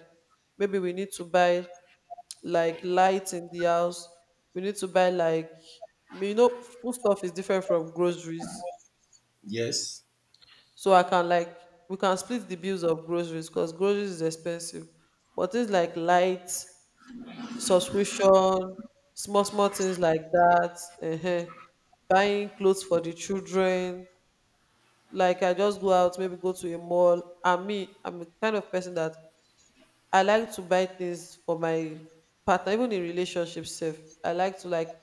Speaker 1: maybe we need to buy like lights in the house. We need to buy like, you know, food stuff is different from groceries.
Speaker 2: Yes.
Speaker 1: So I can like, we can split the bills of groceries because groceries is expensive. But things like lights, subscription, small small things like that, uh, buying clothes for the children. Like I just go out, maybe go to a mall. And me, I'm the kind of person that I like to buy things for my partner, even in relationship safe. I like to like,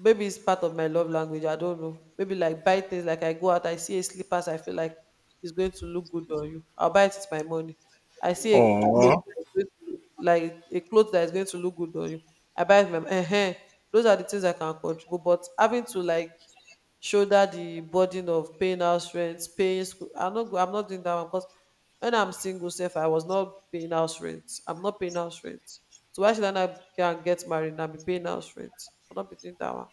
Speaker 1: maybe it's part of my love language. I don't know. Maybe like buy things, like I go out, I see a slippers, I feel like it's going to look good on you. I'll buy it with my money. I see a cloth
Speaker 2: Oh,
Speaker 1: that is going to, like a cloth that is going to look good on you. I buy it with my Those are the things I can contribute. But having to like shoulder the burden of paying house rent, paying school. I'm not doing that one because when I'm single self, I was not paying house rent. I'm not paying house rent. So why should I not go and get married and I be paying house rent? I'll not be doing that one.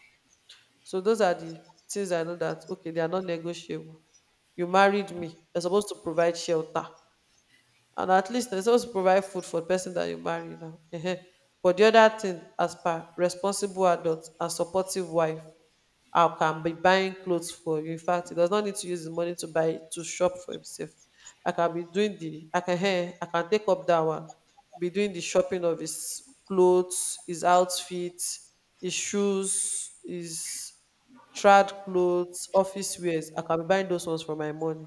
Speaker 1: So those are the things I know that, okay, they are not negotiable. You married me, you're supposed to provide shelter, and at least na suppose provide food for the person that you marry now, um, but the other thing as per responsible adults, and supportive wife, I can be buying clothes for you, in fact he does not need to use his money to buy, to shop for himself. I can be doing the I can take up that one, be doing the shopping of his clothes, his outfits, his shoes, his trad clothes, office wears. I can be buying those ones from my money,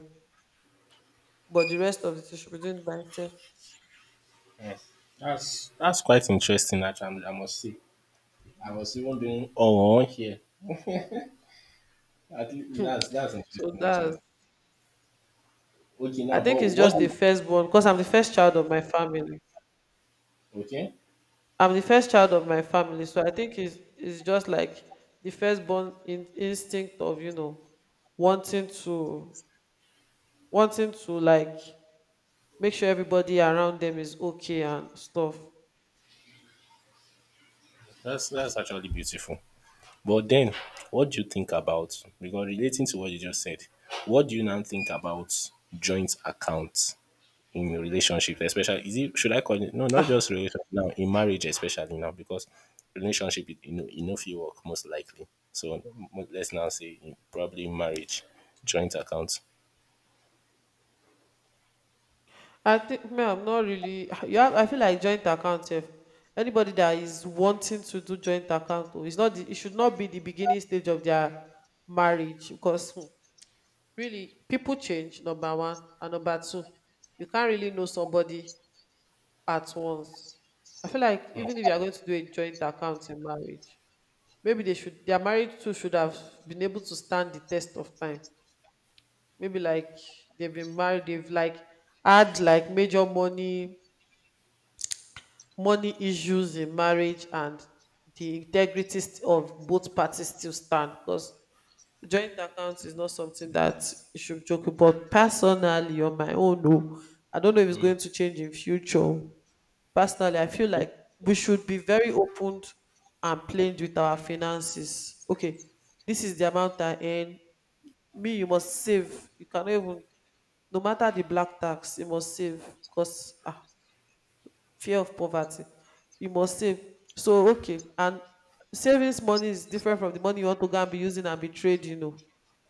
Speaker 1: but the rest of the thing she be doing by himself.
Speaker 2: yes. That's quite interesting. Actually, I must say. I was even doing Oh, here. At least that's
Speaker 1: So
Speaker 2: interesting
Speaker 1: that's
Speaker 2: actually. Okay
Speaker 1: I
Speaker 2: now,
Speaker 1: think
Speaker 2: but
Speaker 1: it's
Speaker 2: what
Speaker 1: just the
Speaker 2: do,
Speaker 1: firstborn because I'm the first child of my family.
Speaker 2: okay?
Speaker 1: I'm the first child of my family, so I think it's just like the firstborn instinct of wanting to wanting to like make sure everybody around them is okay and stuff.
Speaker 2: That's actually beautiful. But then, what do you think about, because relating to what you just said, what do you now think about joint accounts in relationships, especially is it should I call it no, not just relationship now, in marriage especially now, because relationship you know, you know if you work most likely. So let's now say in, probably marriage, joint accounts.
Speaker 1: I think, man, I'm not really. I feel like joint account, if anybody that is wanting to do joint account, oh, it's not. It should not be the beginning stage of their marriage Really, people change, number one. And number two, you can't really know somebody at once. I feel like even if you are going to do a joint account in marriage, maybe they should, their marriage too should have been able to stand the test of time. Maybe like they've been married, they've like had like major money issues in marriage, and the integrity of both parties still stand, because joint account is not something that you should joke about. Personally, on my own, no, I don't know if it's going to change in future. Personally, I feel
Speaker 2: Okay.
Speaker 1: like we should be very open and plain with our finances. Okay, this is the amount I earn. Me, you must save. You cannot even, no matter the black tax, you must save, because fear of poverty, you must save. So okay, and savings money is different from the money you want to go and be using and be trade.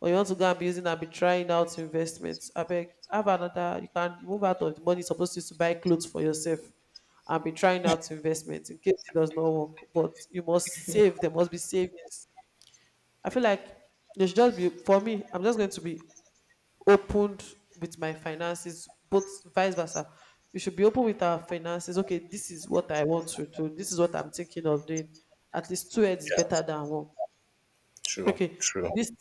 Speaker 1: Or you want to go and be using and be trying out investments, I beg. Have another, you can move out of the money you suppose use to buy clothes for yourself and be trying out investments, in case it does not work. But you must save. There must be savings. I feel like there should just be, for me, I'm just going to be opened with my finances, both vice versa. We should be open with our finances. Okay, this is what I want to do. This is what I'm thinking of doing. At least two heads is better
Speaker 2: Yeah,
Speaker 1: than one.
Speaker 2: true,
Speaker 1: Okay,
Speaker 2: true.
Speaker 1: this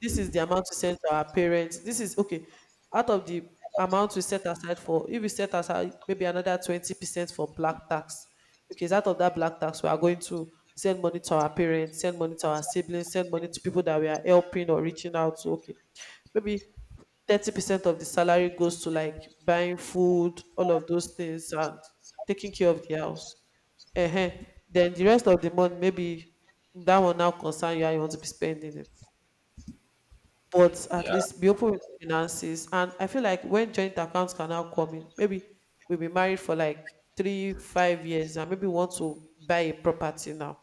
Speaker 1: this is the amount we send to our parents. This is okay. Out of the amount we set aside for, if we set aside maybe another 20% for black tax. Okay, it's out of that black tax we are going to send money to our parents, send money to our siblings, send money to people that we are helping or reaching out to. Okay, maybe 30% of the salary goes to like buying food, all of those things, and taking care of the house. uh Then the rest of the month, maybe that one now concern you how you want to be spending it. But at
Speaker 2: Yeah,
Speaker 1: least be open with finances. And I feel like when joint accounts can now come in, maybe we'll be married for like three, 5 years, and maybe want to buy a property now.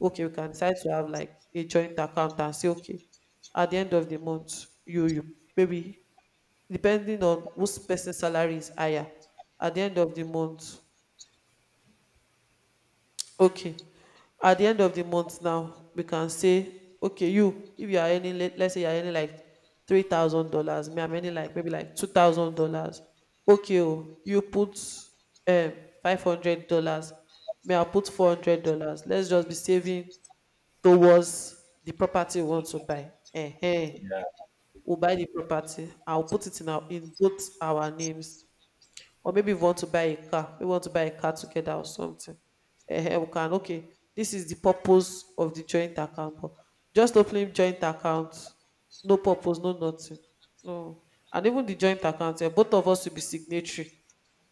Speaker 1: Okay, we can decide to have like a joint account and say, okay, at the end of the month, you maybe, depending on whose person salary is higher, at the end of the month. Okay, at the end of the month now, we can say, okay, if you are earning, let's say you are earning like $3,000, me, I'm earning like maybe like $2,000. Okay, oh, you put um $500, me, I'll put $400. Let's just be saving towards the property we want to buy. Eh, eh.
Speaker 2: yeah,
Speaker 1: We'll buy the property. I'll put it in our, in both our names. Or maybe we want to buy a car we want to buy a car together or something. Eh, eh, we can. Okay, this is the purpose of the joint account. But just opening joint account, no purpose, no nothing, no. And even the joint account, eh, both of us will be signatory.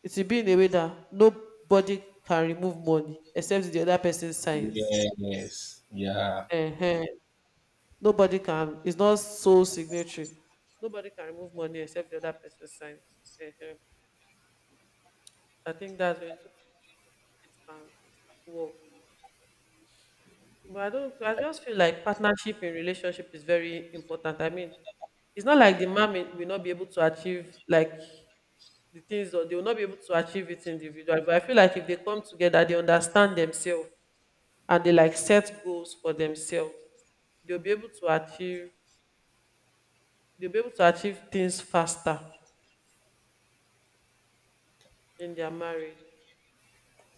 Speaker 1: It will be in a way that nobody can remove money except the other person signs.
Speaker 2: yes, yeah,
Speaker 1: uh nobody can it's not sole signatory. Nobody can remove money except the other person signs. uh I think that's when it can work. But I don't, I just feel like partnership in relationship is very important. I mean, it's not like the man will not be able to achieve like the things, or they will not be able to achieve it individually. But I feel like if they come together, they understand themselves and they like set goals for themselves, they'll be able to achieve, they'll be able to achieve things faster in their marriage.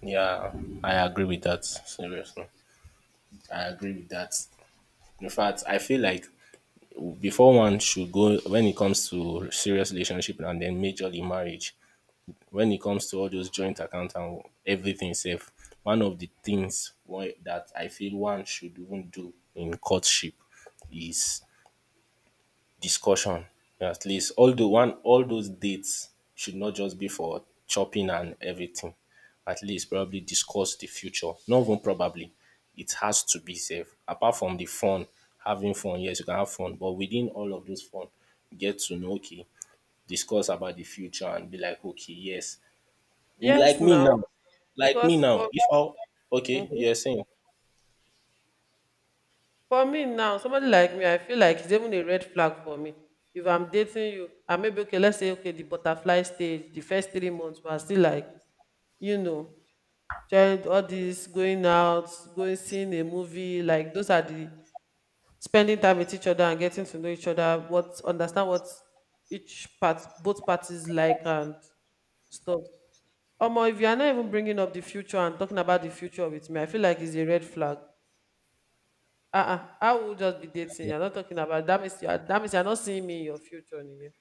Speaker 2: yeah. I agree with that. Seriously, I agree with that. In fact, I feel like before one should go when it comes to serious relationship and then majorly marriage, when it comes to all those joint account and everything safe, one of the things why that I feel one should even do in courtship is discussion. At least all the one all those dates should not just be for chopping and everything. At least probably discuss the future. Not even probably It has to be safe apart from the fun. Having fun, yes, you can have fun, but within all of those fun, get to know, okay, discuss about the future and be like, okay, yes. like
Speaker 1: Yes
Speaker 2: me
Speaker 1: now.
Speaker 2: now like
Speaker 1: Because
Speaker 2: me now,
Speaker 1: for
Speaker 2: if I okay
Speaker 1: Mhm.
Speaker 2: you're saying.
Speaker 1: For me now, somebody like me, I feel like it's even a red flag for me. If I'm dating you, I maybe, okay, let's say okay, the butterfly stage, the first 3 months, we are still like, you know, trying all this, going out, going seeing a movie, like those are the spending time with each other and getting to know each other, what understand what each part, both parties like and stuff. Omo, if you are not even bringing up the future and talking about the future with me, I feel like it's a red flag. Uh-uh. I will just be dating.
Speaker 2: Okay,
Speaker 1: You're not talking about, that means you are, that means you're not seeing me in your future. Nige.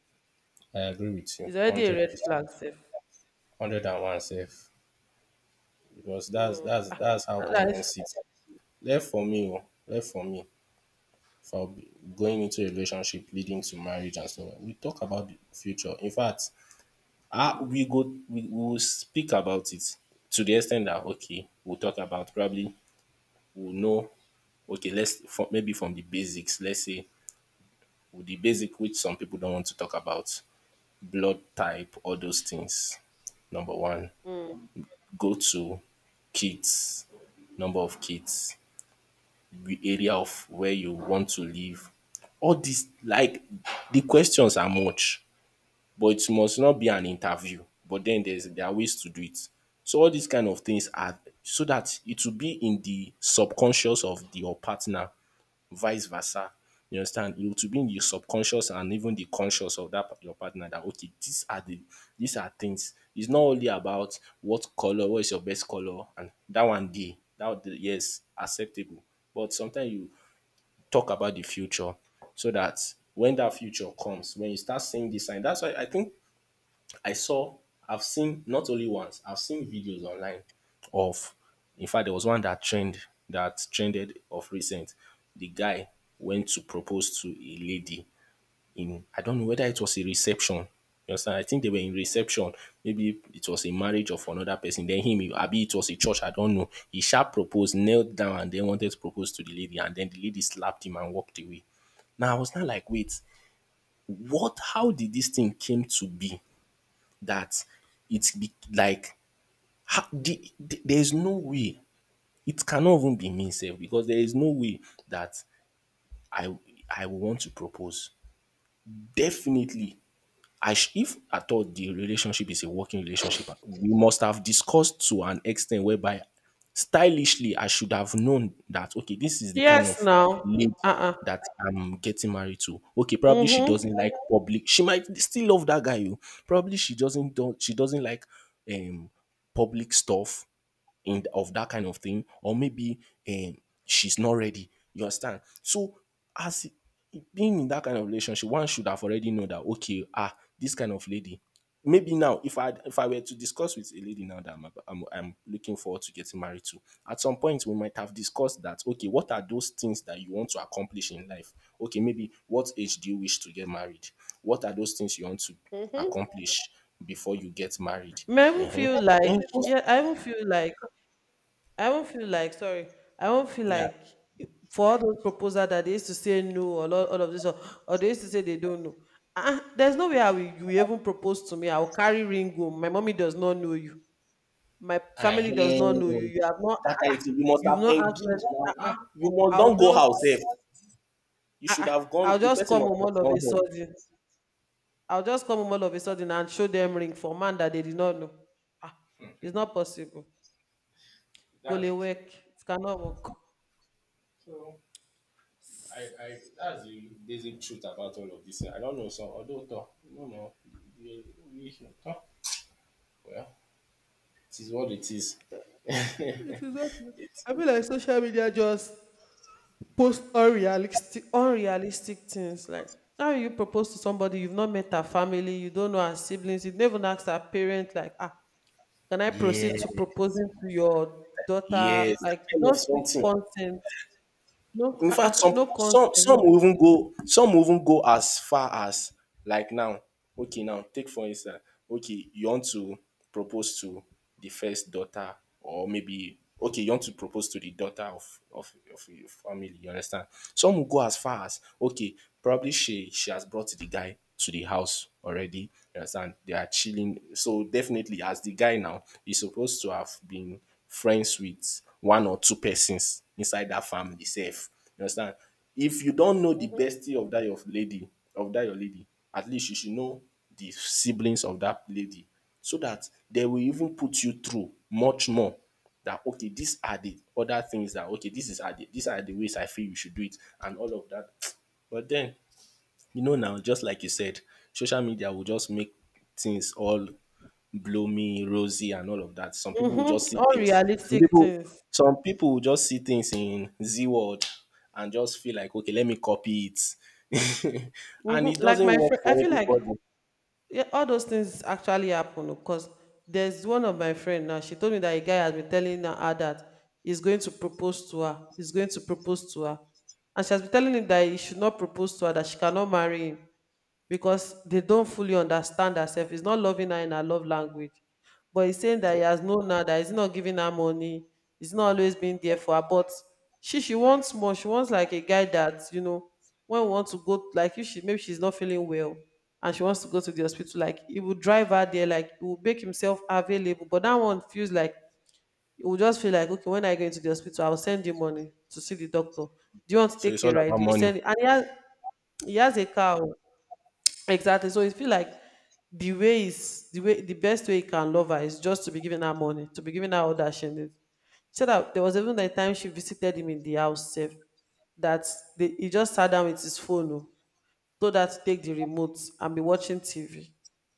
Speaker 2: I agree with you
Speaker 1: It's already a
Speaker 2: 100
Speaker 1: red
Speaker 2: percent
Speaker 1: flag, safe.
Speaker 2: 101 safe, because that's
Speaker 1: So
Speaker 2: that's that's how I
Speaker 1: that is,
Speaker 2: even see it. Left for me o, left for me, for going into a relationship leading to marriage and so on. We talk about the future. In fact, how we go, we will speak about it to the ex ten t that, okay, we'll talk about probably, we'll know, okay, let's from maybe from the basics, let's say with the basic, which some people don't want to talk about, blood type, all those things. Number one.
Speaker 1: mm.
Speaker 2: Go to kids, number of kids, the area of where you want to live. All these, like, the questions are much, but it must not be an interview. But then there are ways to do it. So all these kind of things are so that it will be in the subconscious of your partner, vice versa. You understand? It will be in the subconscious and even the conscious of that your partner, that okay, these are things. It's not only about what color, what is your best color, and that one day, that yes, acceptable. But sometimes you talk about the future so that when that future comes, when you start seeing this sign, that's why I think I saw, I've seen not only once, I've seen videos online of, in fact, there was one that trend that trended of recent. The guy went to propose to a lady in, I don't know whether it was a reception. You understand? I think they were in reception. Maybe it was a marriage of another person. Then him, maybe it was a church. I don't know. He sharp proposed, knelt down, and then wanted to propose to the lady. And then the lady slapped him and walked away. Now I was not like, wait, what? How did this thing came to be that it's be, like how, there is no way. It cannot even be me, sef, because there is no way that I I will want to propose. Definitely, if at all the relationship is a working relationship, we must have discussed to an extent whereby stylishly I should have known that, okay, this is the kind
Speaker 1: Yes
Speaker 2: of
Speaker 1: now.
Speaker 2: lady
Speaker 1: Uh-uh.
Speaker 2: that I'm getting married to. Okay, probably she
Speaker 1: Mm-hmm.
Speaker 2: doesn't like public. She might still love that guy. You probably she doesn't like um public stuff in of that kind of thing, or maybe um, she's not ready. You understand? So as being in that kind of relationship, one should have already know that, okay, ah, this kind of lady. Maybe now, if I were to discuss with a lady now that I'm looking forward to getting married to, at some point we might have discussed that. Okay, what are those things that you want to accomplish in life? Okay, maybe what age do you wish to get married? What are those things you want to
Speaker 1: Mm-hmm.
Speaker 2: accomplish before you get married?
Speaker 1: Me, I don't
Speaker 2: Uh-huh.
Speaker 1: feel like,
Speaker 2: And those-
Speaker 1: yeah, I don't feel like sorry. I don't feel
Speaker 2: yeah.
Speaker 1: like for all those proposals that they used to say no, or all of this, or they used to say they don't know. There's no way you will even propose to me. I will carry ring home. My mommy does not know you. My family does
Speaker 2: Ahem.
Speaker 1: not know you. You have not.
Speaker 2: That kind of thing. You must
Speaker 1: You've
Speaker 2: have
Speaker 1: not asked them.
Speaker 2: engaged
Speaker 1: ah,
Speaker 2: now.
Speaker 1: ah.
Speaker 2: Ah, you must
Speaker 1: I'll
Speaker 2: don't go house
Speaker 1: just.
Speaker 2: safe. You
Speaker 1: ah,
Speaker 2: should
Speaker 1: ah,
Speaker 2: have gone.
Speaker 1: I'll
Speaker 2: The
Speaker 1: just
Speaker 2: person
Speaker 1: come
Speaker 2: must
Speaker 1: home
Speaker 2: have
Speaker 1: all of
Speaker 2: gone
Speaker 1: a
Speaker 2: home.
Speaker 1: sudden. I'll just come home all of a sudden and show them ring for man that they did not know. Ah, it's not possible. Go lay work. It cannot work.
Speaker 2: So I that's the basic truth about all of this. I don't know, some don't know. No, no, we, we should talk. Well, it is what it is.
Speaker 1: It is not. I feel like social media just post unrealistic, unrealistic things. Like how you propose to somebody you've not met her family, you don't know her siblings, you've never asked her parents. Like ah, can I proceed
Speaker 2: Yes,
Speaker 1: to proposing to your daughter?
Speaker 2: yes, that
Speaker 1: Like,
Speaker 2: kind of
Speaker 1: not with
Speaker 2: something.
Speaker 1: consent. No,
Speaker 2: In fact, some
Speaker 1: no
Speaker 2: people,
Speaker 1: consent. No.
Speaker 2: some will even go as far as like now. Okay, now take for instance. Okay, you want to propose to the first daughter, or maybe okay, you want to propose to the daughter of of your family. You understand? Some will go as far as okay, probably she has brought the guy to the house already. You understand? They are chilling. So definitely, as the guy now, he's supposed to have been friends with one or two persons inside that family safe. You understand? If you don't know the bestie of that your lady, of that your lady, at least you should know the siblings of that lady so that they will even put you through much more, that okay, these are the other things, that okay, this is are the these are the ways I feel you should do it and all of that. But then, you know now, just like you said, social media will just make things all bloomy, rosy, and all of that. Some people will just
Speaker 1: Mm-hmm.
Speaker 2: see
Speaker 1: All
Speaker 2: things.
Speaker 1: realistic things.
Speaker 2: Some people will just see things in Z word and just feel like, okay, let me copy it, and it
Speaker 1: Mm-hmm. Like
Speaker 2: doesn't
Speaker 1: my
Speaker 2: work
Speaker 1: friend, I
Speaker 2: for
Speaker 1: feel like,
Speaker 2: everybody.
Speaker 1: yeah, all those things actually happen, because there's one of my friend now. She told me that a guy has been telling her that he's going to propose to her. He's going to propose to her, and she has been telling him that he should not propose to her, that she cannot marry him, because they don't fully understand herself. He's not loving her in her love language. But he's saying that he
Speaker 2: Okay?
Speaker 1: has known her, that he's not giving her money, he's not always been there for her. But she wants more. She wants like a guy that, you know, when we want to go, like if she, maybe she's not feeling well and she wants to go to the hospital, like he will drive her there, like he will make himself available. But that one feels like, it will just feel like, okay, when I go into the hospital, I'll send you money to see the doctor. Do you want to
Speaker 2: So
Speaker 1: take
Speaker 2: it's
Speaker 1: a
Speaker 2: all
Speaker 1: ride?
Speaker 2: about
Speaker 1: He will
Speaker 2: money.
Speaker 1: send it. And he has a car. Oh. Exactly. So it feel like the way is the way the best way you can love her is just to be giving her money, to be giving her all that she needs. She said that there was even the time she visited him in the house, safe, that he just sat down with his phone, oh, told her to take the remote and be watching TV.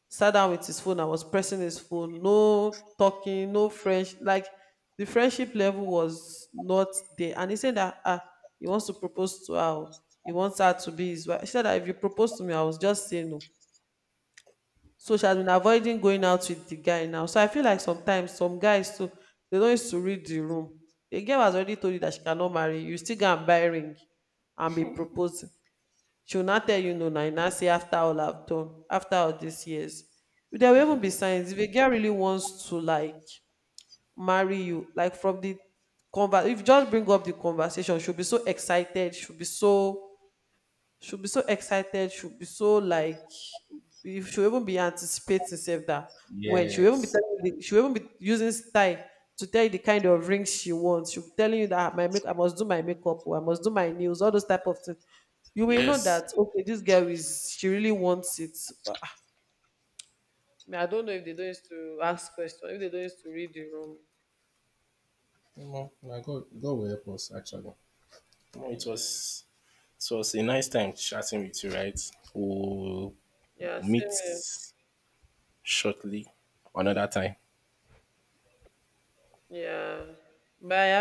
Speaker 1: Sat down with his phone and was pressing his phone, no talking, no French. Like the friendship level was not there. And he said that ah, he wants to propose to her. Oh, he wants her to be his wife. She said that if you propose to me, I was just saying no. So she has been avoiding going out with the guy now. So I feel like sometimes some guys too, they don't used to read the room. The girl has already told you that she cannot marry you. You still go and buy ring and be proposing. She will not tell you no now. You now say, after all I've done, after all these years. There will even be
Speaker 2: Do-
Speaker 1: signs. If a girl really wants to like marry you, like from the conver, if you just bring up the conversation, she'll be so excited, she'll be so, she'll be so excited, she'll be so like, if she'll even be anticipating herself that, when she'll even be
Speaker 2: Yes.
Speaker 1: telling you the, she'll even be using style to tell you the kind of rings she wants. She'll be telling you that, "Ah, my make I must do my makeup or I must do my nails," all those type of things. You will know
Speaker 2: Yes.
Speaker 1: that okay, this girl is, she really wants it. But ah, I don't know if they don't used to ask questions, if they don't used to read the room.
Speaker 2: Omo, na God, God will help us actually. Well,
Speaker 1: Amen.
Speaker 2: it was a nice time chatting with you, right? We'll
Speaker 1: Yeah,
Speaker 2: meet
Speaker 1: same here.
Speaker 2: shortly, another time.
Speaker 1: Yeah. Bye,